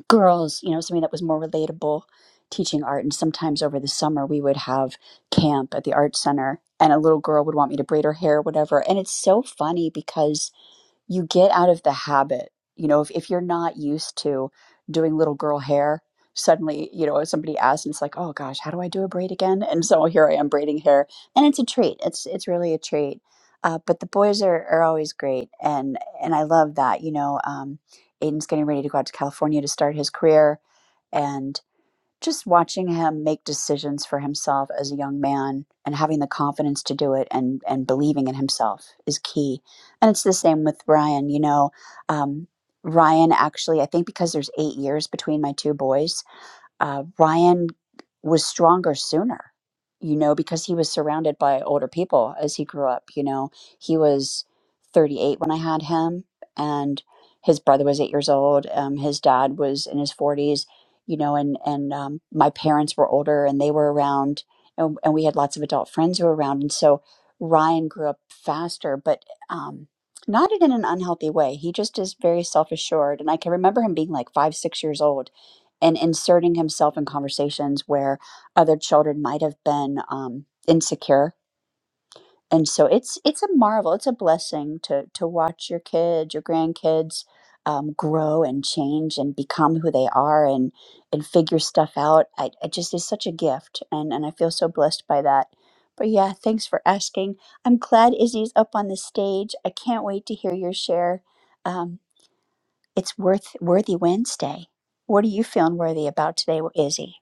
girls, you know, something that was more relatable teaching art. And sometimes over the summer, we would have camp at the art center, and a little girl would want me to braid her hair, or whatever. And it's so funny because you get out of the habit. You know, if, if you're not used to doing little girl hair, suddenly, you know, somebody asks and it's like, oh gosh, how do I do a braid again? And so <laughs> here I am braiding hair. And it's a treat. It's it's really a treat. Uh, but the boys are, are always great and and I love that. You know, um, Aiden's getting ready to go out to California to start his career and just watching him make decisions for himself as a young man and having the confidence to do it and and believing in himself is key and it's the same with ryan you know um, ryan actually i think because there's eight years between my two boys uh, Ryan was stronger sooner, you know, because he was surrounded by older people as he grew up. You know, he was 38 when I had him, and his brother was eight years old. Um, his dad was in his 40s, you know, and and um, my parents were older, and they were around, and, and we had lots of adult friends who were around, and so Ryan grew up faster, but. Um, not in an unhealthy way. He just is very self assured. And I can remember him being like five, six years old and inserting himself in conversations where other children might have been um, insecure. And so it's it's a marvel, it's a blessing to to watch your kids, your grandkids um, grow and change and become who they are and and figure stuff out. I, it just is such a gift, and and I feel so blessed by that. But yeah, thanks for asking. I'm glad Izzy's up on the stage. I can't wait to hear your share. Um, it's worth worthy Wednesday. What are you feeling worthy about today, Izzy?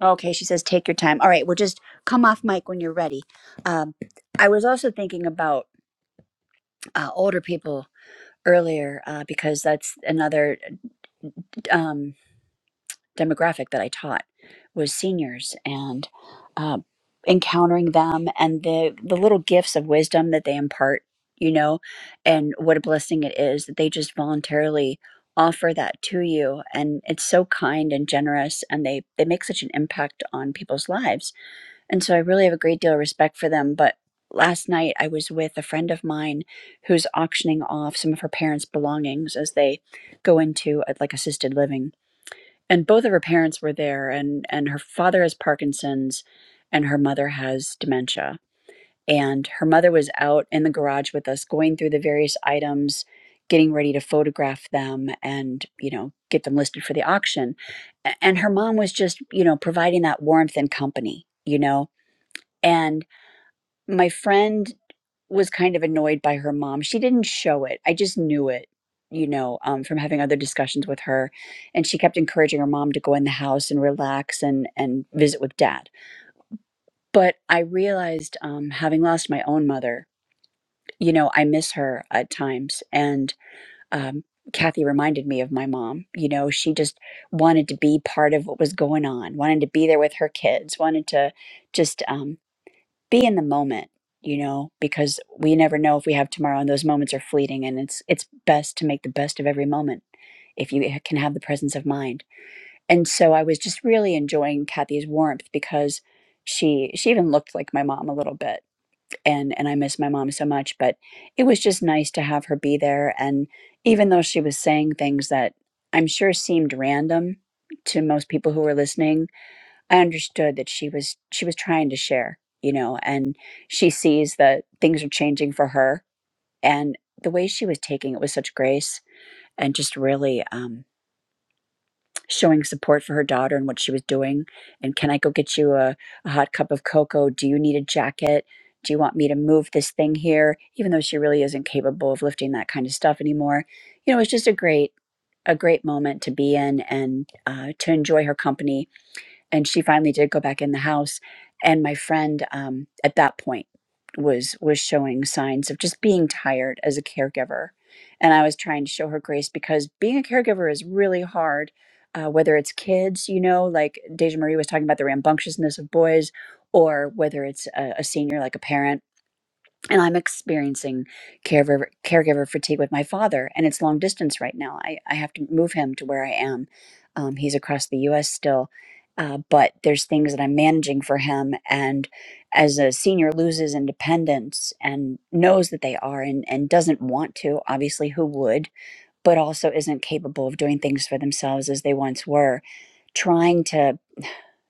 Okay, she says, take your time. All right, well, just come off mic when you're ready. Um, I was also thinking about uh, older people earlier uh, because that's another um, demographic that I taught was seniors and uh, encountering them and the the little gifts of wisdom that they impart, you know, and what a blessing it is that they just voluntarily offer that to you and it's so kind and generous and they they make such an impact on people's lives And so I really have a great deal of respect for them. But last night I was with a friend of mine who's auctioning off some of her parents' belongings as they go into uh, like assisted living. And both of her parents were there and and her father has Parkinson's and her mother has dementia. And her mother was out in the garage with us going through the various items getting ready to photograph them and you know get them listed for the auction A- and her mom was just you know providing that warmth and company you know and my friend was kind of annoyed by her mom. She didn't show it. I just knew it, you know, um, from having other discussions with her. And she kept encouraging her mom to go in the house and relax and and visit with dad. But I realized, um, having lost my own mother, you know, I miss her at times. And um, Kathy reminded me of my mom. You know, she just wanted to be part of what was going on, wanted to be there with her kids, wanted to just. Um, be in the moment you know because we never know if we have tomorrow and those moments are fleeting and it's it's best to make the best of every moment if you ha- can have the presence of mind and so i was just really enjoying kathy's warmth because she she even looked like my mom a little bit and and i miss my mom so much but it was just nice to have her be there and even though she was saying things that i'm sure seemed random to most people who were listening I understood that she was she was trying to share, you know, and she sees that things are changing for her and the way she was taking it with such grace and just really um showing support for her daughter and what she was doing and can I go get you a, a hot cup of cocoa? Do you need a jacket? Do you want me to move this thing here? Even though she really isn't capable of lifting that kind of stuff anymore. You know, it was just a great a great moment to be in and uh, to enjoy her company and she finally did go back in the house and my friend um, at that point was was showing signs of just being tired as a caregiver and i was trying to show her grace because being a caregiver is really hard uh, whether it's kids you know like deja marie was talking about the rambunctiousness of boys or whether it's a, a senior like a parent and I'm experiencing caregiver caregiver fatigue with my father, and it's long distance right now. I, I have to move him to where I am. Um, he's across the U.S. still, uh, but there's things that I'm managing for him. And as a senior loses independence and knows that they are and, and doesn't want to, obviously, who would, but also isn't capable of doing things for themselves as they once were, trying to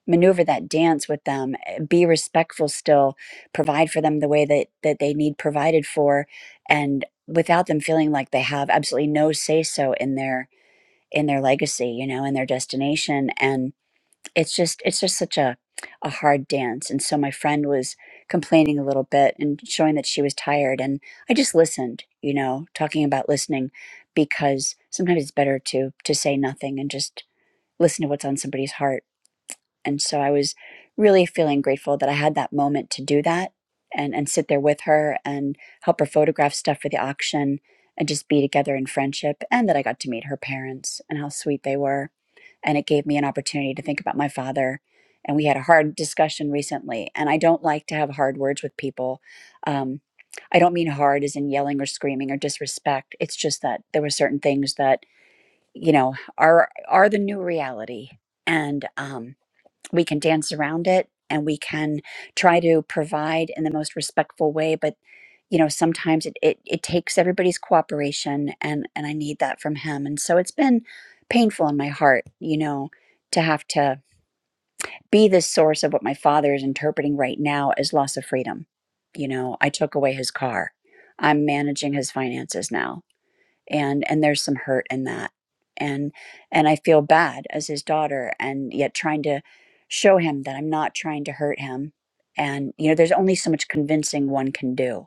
maneuver that dance with them eh, be respectful still provide for them the way that that they need provided for and without them feeling like they have absolutely no say so in their in their legacy you know in their destination and it's just it's just such a a hard dance and so my friend was complaining a little bit and showing that she was tired and i just listened you know talking about listening because sometimes it's better to to say nothing and just listen to what's on somebody's heart and so I was really feeling grateful that I had that moment to do that and, and sit there with her and help her photograph stuff for the auction and just be together in friendship. And that I got to meet her parents and how sweet they were. And it gave me an opportunity to think about my father. And we had a hard discussion recently. And I don't like to have hard words with people. Um, I don't mean hard as in yelling or screaming or disrespect. It's just that there were certain things that, you know, are are the new reality. And um, we can dance around it and we can try to provide in the most respectful way but you know sometimes it, it, it takes everybody's cooperation and and i need that from him and so it's been painful in my heart you know to have to be the source of what my father is interpreting right now as loss of freedom you know i took away his car i'm managing his finances now and and there's some hurt in that and and i feel bad as his daughter and yet trying to show him that i'm not trying to hurt him and you know there's only so much convincing one can do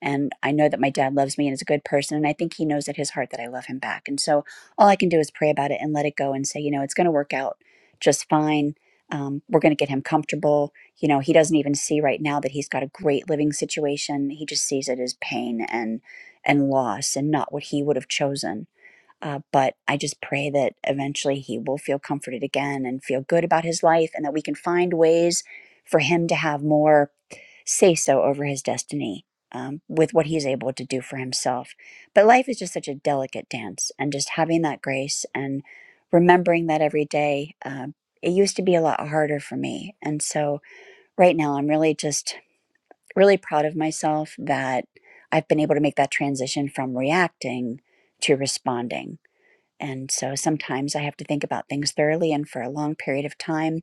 and I know that my dad loves me and is a good person. And I think he knows at his heart that I love him back. And so all I can do is pray about it and let it go and say, you know, it's going to work out just fine. Um, we're going to get him comfortable. You know, he doesn't even see right now that he's got a great living situation. He just sees it as pain and and loss and not what he would have chosen. Uh, but I just pray that eventually he will feel comforted again and feel good about his life and that we can find ways for him to have more say so over his destiny um, with what he's able to do for himself. But life is just such a delicate dance, and just having that grace and remembering that every day, um, it used to be a lot harder for me. And so right now, I'm really just really proud of myself that I've been able to make that transition from reacting to responding. And so sometimes I have to think about things thoroughly and for a long period of time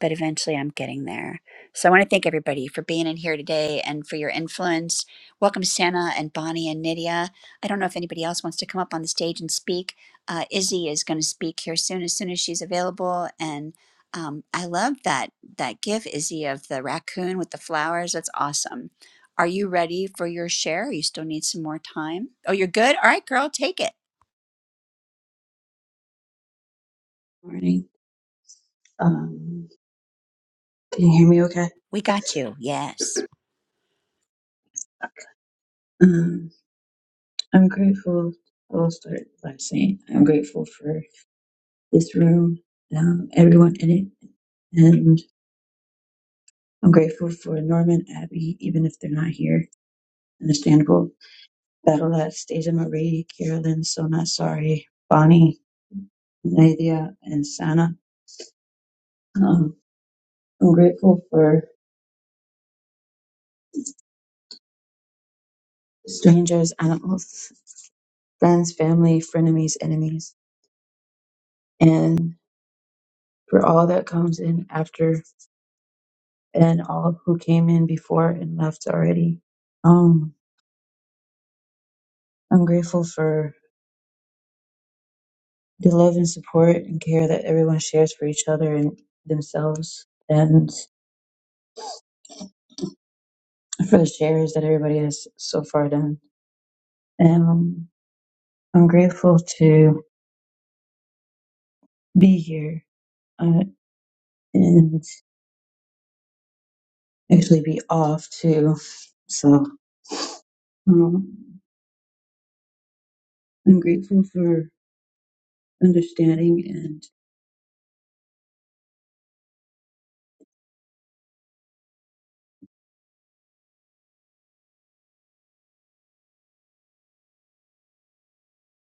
but eventually I'm getting there. So I want to thank everybody for being in here today and for your influence. Welcome, Santa and Bonnie and Nydia. I don't know if anybody else wants to come up on the stage and speak. Uh, Izzy is going to speak here soon, as soon as she's available. And um, I love that that gif, Izzy, of the raccoon with the flowers. That's awesome. Are you ready for your share? You still need some more time. Oh, you're good. All right, girl, take it. morning. Um, can you hear me okay? We got you. Yes. Um, I'm grateful. I'll start by saying I'm grateful for this room, um, everyone in it, and I'm grateful for Norman, Abby, even if they're not here. Understandable. Battle Stasia Marie, Carolyn, Sona, Sorry, Bonnie, Nadia, and Sana. Um, I'm grateful for strangers, animals, friends, family, frenemies, enemies, and for all that comes in after and all who came in before and left already. Um, I'm grateful for the love and support and care that everyone shares for each other and themselves, and for the shares that everybody has so far done. And um, I'm grateful to be here uh, and actually be off too. So um, I'm grateful for understanding and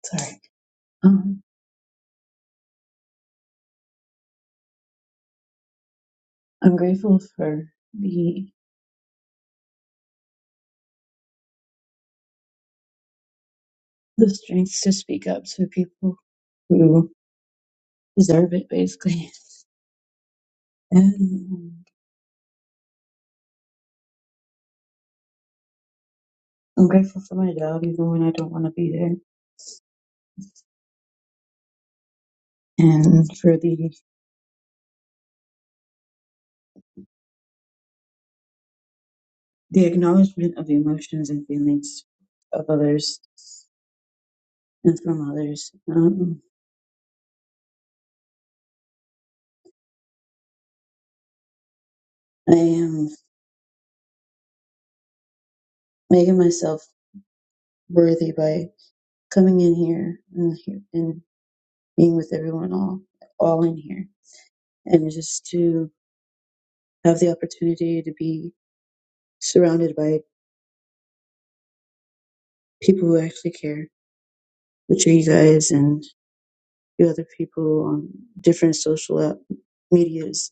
sorry. Um, I'm grateful for the the strength to speak up to people who deserve it, basically. <laughs> And I'm grateful for my job, even when I don't want to be there, and for the the acknowledgement of emotions and feelings of others and from others. Um, I am making myself worthy by coming in here and, he- and being with everyone all all in here, and just to have the opportunity to be surrounded by people who actually care which are you guys and you other people on different social app medias.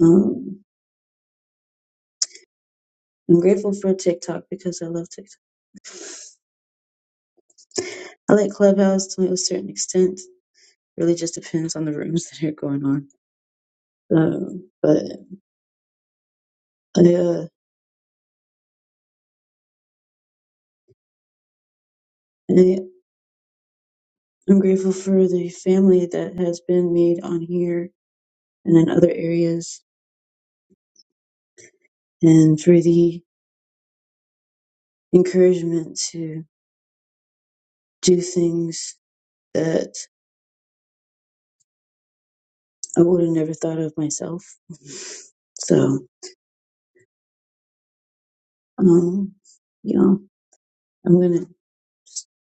Um, I'm grateful for TikTok because I love TikTok. I like Clubhouse to a certain extent. Really just depends on the rooms <laughs> that are going on. Um, but I, uh, I, I'm grateful for the family that has been made on here and in other areas and for the encouragement to do things that. I would have never thought of myself. So, um, you know, I'm going to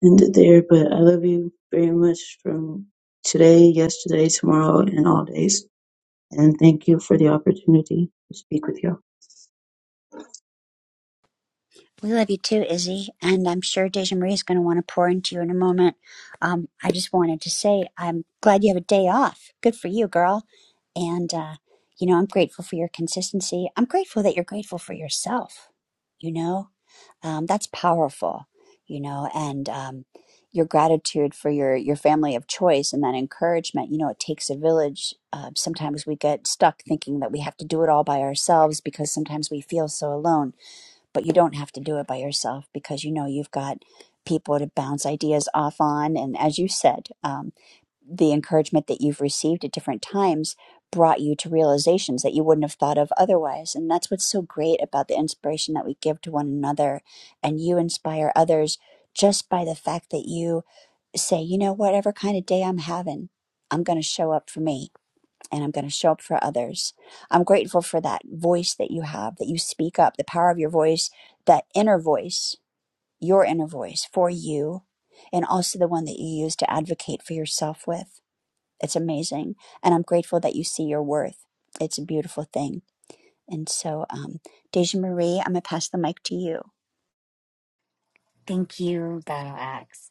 end it there, but I love you very much from today, yesterday, tomorrow, and all days. And thank you for the opportunity to speak with you. We love you too, Izzy, and I'm sure Deja Marie is going to want to pour into you in a moment. Um, I just wanted to say I'm glad you have a day off. Good for you, girl. And uh, you know, I'm grateful for your consistency. I'm grateful that you're grateful for yourself. You know, um, that's powerful. You know, and um, your gratitude for your your family of choice and that encouragement. You know, it takes a village. Uh, sometimes we get stuck thinking that we have to do it all by ourselves because sometimes we feel so alone but you don't have to do it by yourself because you know you've got people to bounce ideas off on. And as you said, um, the encouragement that you've received at different times brought you to realizations that you wouldn't have thought of otherwise. And that's what's so great about the inspiration that we give to one another. And you inspire others just by the fact that you say, you know, whatever kind of day I'm having, I'm going to show up for me and I'm going to show up for others. I'm grateful for that voice that you have, that you speak up, the power of your voice, that inner voice, your inner voice for you, and also the one that you use to advocate for yourself with. It's amazing. And I'm grateful that you see your worth. It's a beautiful thing. And so, um, Deja Marie, I'm going to pass the mic to you. Thank you, Battle Axe.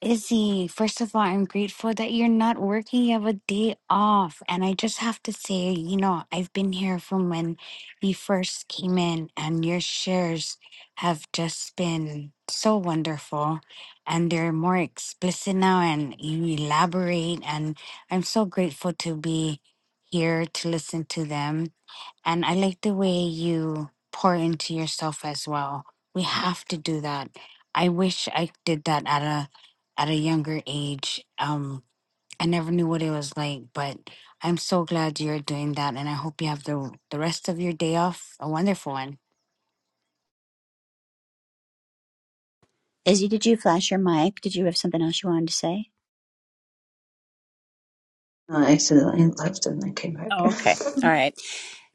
Izzy, first of all, I'm grateful that you're not working. You have a day off. And I just have to say, you know, I've been here from when you first came in, and your shares have just been so wonderful. And they're more explicit now, and you elaborate. And I'm so grateful to be here to listen to them And I like the way you pour into yourself as well. We have to do that. I wish I did that at a at a younger age. Um, I never knew what it was like, but I'm so glad you're doing that, and I hope you have the the rest of your day off a wonderful one. Izzy, did you flash your mic? Did you have something else you wanted to say? all I accidentally left, and then came back. Oh, okay. <laughs> All right.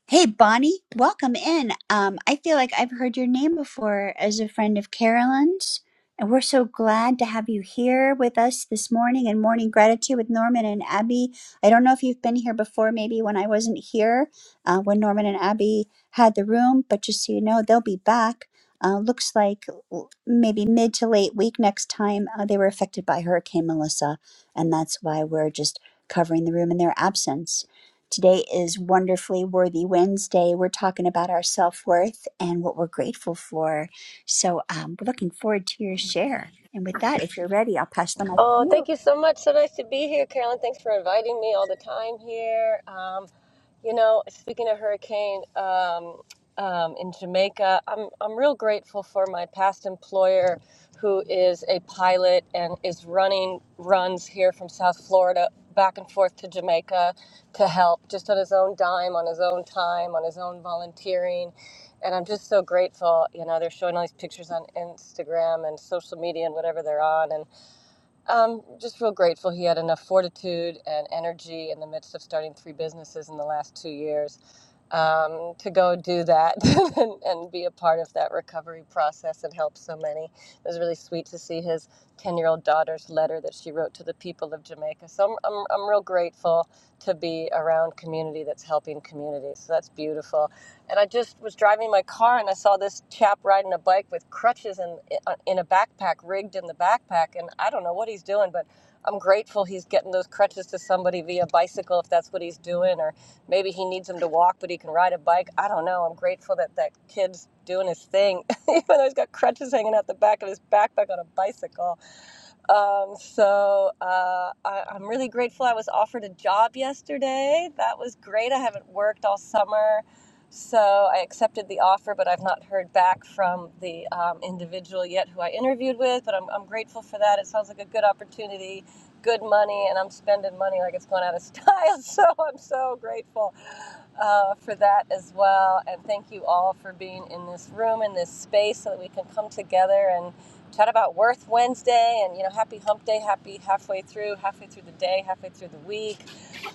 Hey, Bonnie, welcome in. Um, I feel like I've heard your name before as a friend of Carolyn's, and we're so glad to have you here with us this morning in Morning Gratitude with Norman and Abby. I don't know if you've been here before, maybe when I wasn't here, uh, when Norman and Abby had the room, but just so you know, they'll be back. Uh, looks like w- maybe mid to late week next time. Uh, they were affected by Hurricane Melissa, and that's why we're just covering the room in their absence. Today is Wonderfully Worthy Wednesday. We're talking about our self worth and what we're grateful for. So um, we're looking forward to your share. And with that, if you're ready, I'll pass the mic to Oh, you. thank you so much. So nice to be here, Carolyn. Thanks for inviting me all the time here. Um, you know, speaking of hurricane um, um, in Jamaica, I'm I'm real grateful for my past employer, who is a pilot and is running runs here from South Florida back and forth to Jamaica to help, just on his own dime, on his own time, on his own volunteering. And I'm just so grateful. You know, they're showing all these pictures on Instagram and social media and whatever they're on, and um, just real grateful he had enough fortitude and energy in the midst of starting three businesses in the last two years um, to go do that <laughs> and, and be a part of that recovery process and help so many. It was really sweet to see his 10 year old daughter's letter that she wrote to the people of Jamaica. So I'm, I'm, I'm real grateful to be around community that's helping community. So that's beautiful and I just was driving my car and I saw this chap riding a bike with crutches in uh, in a backpack rigged in the backpack and I don't know what he's doing but I'm grateful he's getting those crutches to somebody via bicycle if that's what he's doing or maybe he needs them to walk but he can ride a bike I don't know I'm grateful that that kid's doing his thing <laughs> even though he's got crutches hanging out the back of his backpack on a bicycle um, so uh, I, I'm really grateful I was offered a job yesterday. That was great. I haven't worked all summer. So I accepted the offer, but I've not heard back from the um, individual yet who I interviewed with. But I'm, I'm grateful for that. It sounds like a good opportunity, good money, and I'm spending money like it's going out of style. <laughs> So I'm so grateful uh, for that as well. And thank you all for being in this room, in this space, so that we can come together and chat about Worth Wednesday and you know happy hump day, happy halfway through, halfway through the day, halfway through the week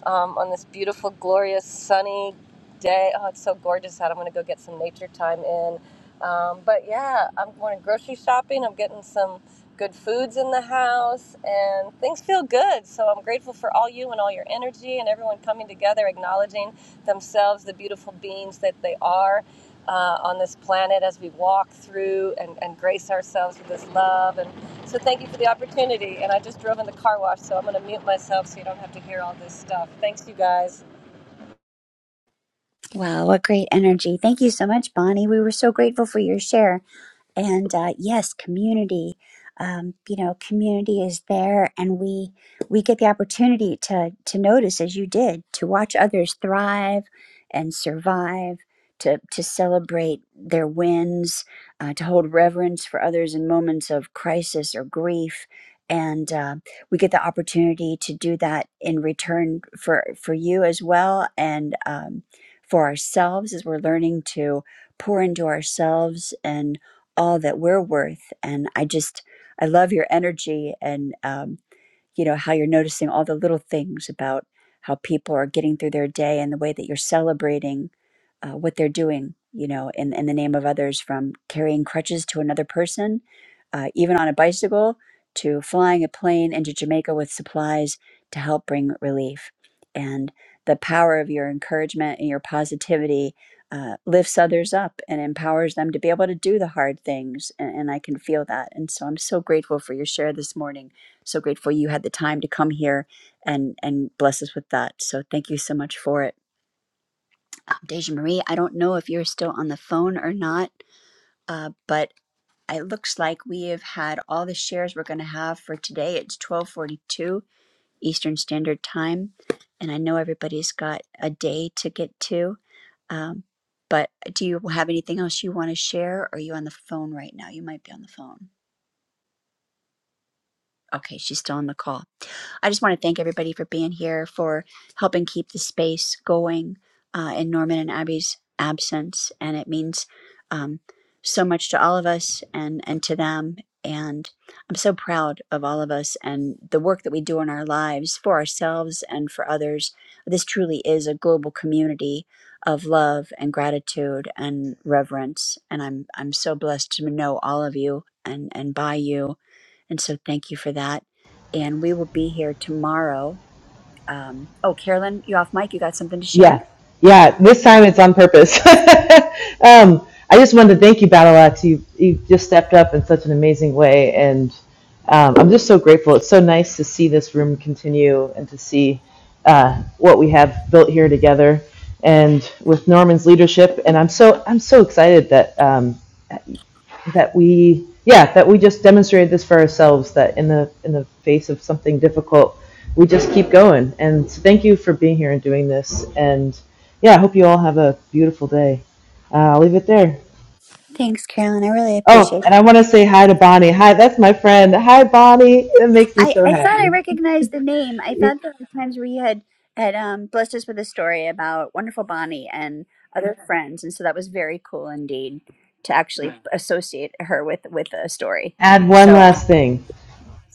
um, on this beautiful, glorious, sunny day. Oh, it's so gorgeous out. I'm going to go get some nature time in. Um, but yeah, I'm going grocery shopping. I'm getting some good foods in the house and things feel good. So I'm grateful for all you and all your energy and everyone coming together, acknowledging themselves, the beautiful beings that they are uh, on this planet as we walk through and, and grace ourselves with this love. And so, thank you for the opportunity. And I just drove in the car wash, so I'm going to mute myself so you don't have to hear all this stuff. Thanks, you guys. Wow, what great energy. Thank you so much, Bonnie. We were so grateful for your share. and uh, yes community um, you know community is there and we we get the opportunity to to notice as you did to watch others thrive and survive to to celebrate their wins uh, to hold reverence for others in moments of crisis or grief and uh, we get the opportunity to do that in return for for you as well and um, for ourselves as we're learning to pour into ourselves and all that we're worth. And I just, I love your energy. And um, you know how you're noticing all the little things about how people are getting through their day and the way that you're celebrating uh, what they're doing you know in, in the name of others from carrying crutches to another person uh, even on a bicycle to flying a plane into jamaica with supplies to help bring relief and the power of your encouragement and your positivity uh, lifts others up and empowers them to be able to do the hard things and, and i can feel that and so i'm so grateful for your share this morning so grateful you had the time to come here and and bless us with that. So thank you so much for it, um, Deja Marie. I don't know if you're still on the phone or not, uh, but it looks like we have had all the shares we're going to have for today. It's twelve forty-two Eastern Standard Time, and I know everybody's got a day to get to. Um, but do you have anything else you want to share? Or are you on the phone right now? You might be on the phone. Okay, she's still on the call. I just want to thank everybody for being here, for helping keep the space going uh, in Norman and Abby's absence. And it means um, so much to all of us and, and to them. And I'm so proud of all of us and the work that we do in our lives for ourselves and for others. This truly is a global community of love and gratitude and reverence. And I'm I'm so blessed to know all of you and, and by you and so thank you for that. And we will be here tomorrow. Um, oh, Carolyn, you off mic? You got something to yeah. share? Yeah. This time it's on purpose. <laughs> um, I just wanted to thank you, Battle You, you just stepped up in such an amazing way. And um, I'm just so grateful. It's so nice to see this room continue and to see uh, what we have built here together. And with Norman's leadership, and I'm so I'm so excited that um, that we yeah that we just demonstrated this for ourselves that in the in the face of something difficult we just keep going and so thank you for being here and doing this and yeah i hope you all have a beautiful day uh, i'll leave it there Thanks, Carolyn. I really oh appreciate and that. i want to say hi to bonnie hi that's my friend hi bonnie that makes me I, so I thought I happy recognized the name. I thought there were times where you had, had um, blessed us with a story about wonderful Bonnie and other friends. And so that was very cool indeed to actually associate her with, with a story. add one So um, last thing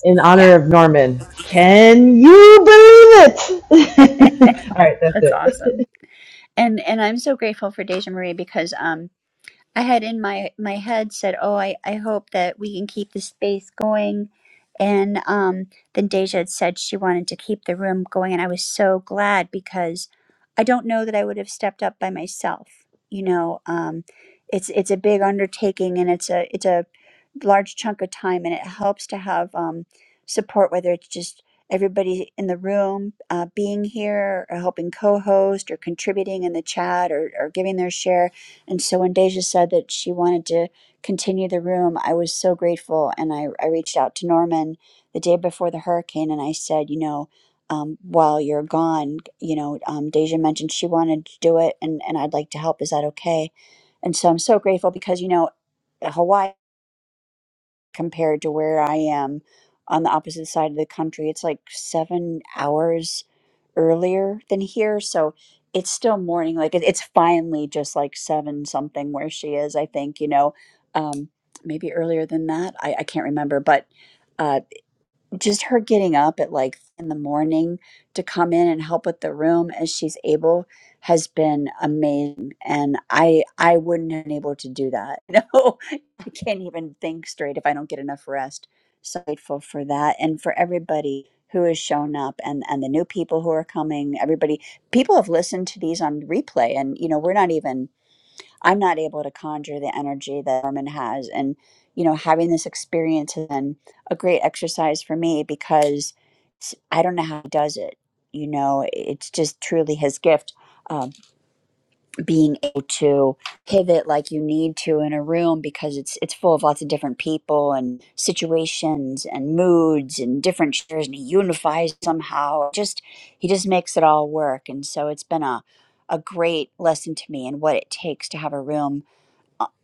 in yeah, honor of norman can you believe <laughs> it that's <laughs> all right that's it <laughs> awesome. And and I'm so grateful for Deja Marie because um, I had in my my head said, "Oh, I I hope that we can keep the space going." And um, then Deja had said she wanted to keep the room going, and I was so glad because I don't know that I would have stepped up by myself. You know, um, it's it's a big undertaking, and it's a it's a large chunk of time, and it helps to have um, support, whether it's just everybody in the room uh, being here, or helping co-host, or contributing in the chat, or, or giving their share and so when Deja said that she wanted to continue the room, I was so grateful. And I, I reached out to Norman the day before the hurricane and I said, you know, um, while you're gone, you know, um, Deja mentioned she wanted to do it and, and I'd like to help. Is that okay? And so I'm so grateful because, you know, Hawaii compared to where I am on the opposite side of the country. It's like seven hours earlier than here. So it's still morning. Like it, it's finally just like seven something where she is, I think, you know, um, maybe earlier than that. I, I can't remember, but. uh, just her getting up at like in the morning to come in and help with the room as she's able has been amazing and i i wouldn't have been able to do that <laughs> No, i can't even think straight if i don't get enough rest so grateful for that and for everybody who has shown up and and the new people who are coming everybody people have listened to these on replay and you know we're not even I'm not able to conjure the energy that Norman has. And, you know, having this experience has been a great exercise for me because it's- I don't know how he does it. You know, it's just truly his gift. Um, being able to pivot like you need to in a room because it's it's full of lots of different people and situations and moods and different chairs, and he unifies somehow just he just makes it all work and so it's been a a great lesson to me and what it takes to have a room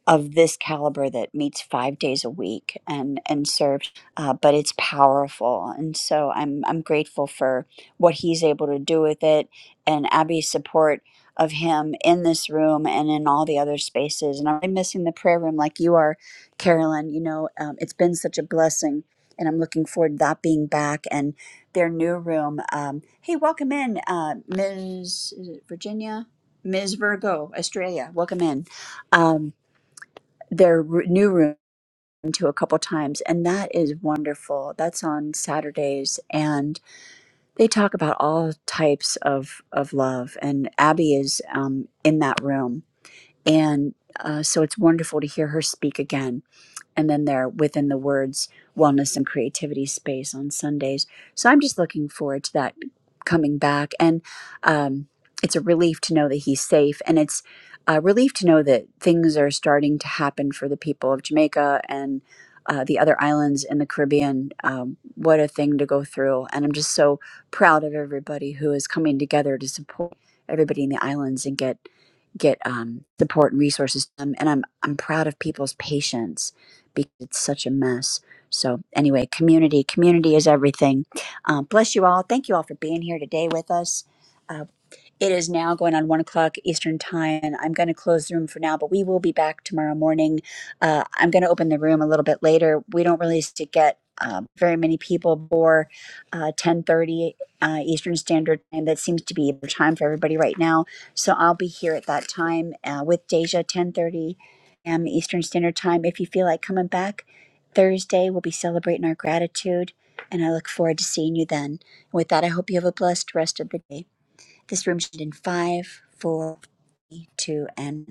of this caliber that meets five days a week and and serves, uh, but it's powerful. And so I'm I'm grateful for what he's able to do with it, and Abby's support of him in this room and in all the other spaces. And I'm really missing the prayer room like you are, Carolyn. You know, um, it's been such a blessing, and I'm looking forward to that being back and their new room. Um, hey, welcome in, uh, Ms. Is it Virginia. Ms. Virgo, Australia, welcome in. Um, their r- new room to a couple times and that is wonderful that's on saturdays and they talk about all types of of love and abby is um, in that room and uh, so it's wonderful to hear her speak again and then they're within the words wellness and creativity space on Sundays. So I'm just looking forward to that coming back, and um, it's a relief to know that he's safe, and it's a relief to know that things are starting to happen for the people of Jamaica and uh, the other islands in the Caribbean. Um, what a thing to go through, and I'm just so proud of everybody who is coming together to support everybody in the islands and get get um, support and resources to them. And I'm I'm proud of people's patience because it's such a mess. So, anyway, community, community is everything. Um, bless you all. Thank you all for being here today with us. Uh, it is now going on one o'clock Eastern time. and I'm going to close the room for now, but we will be back tomorrow morning. Uh, I'm going to open the room a little bit later. We don't really used to get uh, very many people before uh, 10:30 uh, Eastern Standard Time. That seems to be the time for everybody right now. So I'll be here at that time uh, with Deja 10:30 a.m. Eastern Standard Time. If you feel like coming back Thursday, we'll be celebrating our gratitude, and I look forward to seeing you then. With that, I hope you have a blessed rest of the day. This room should end in five, four, three, two, and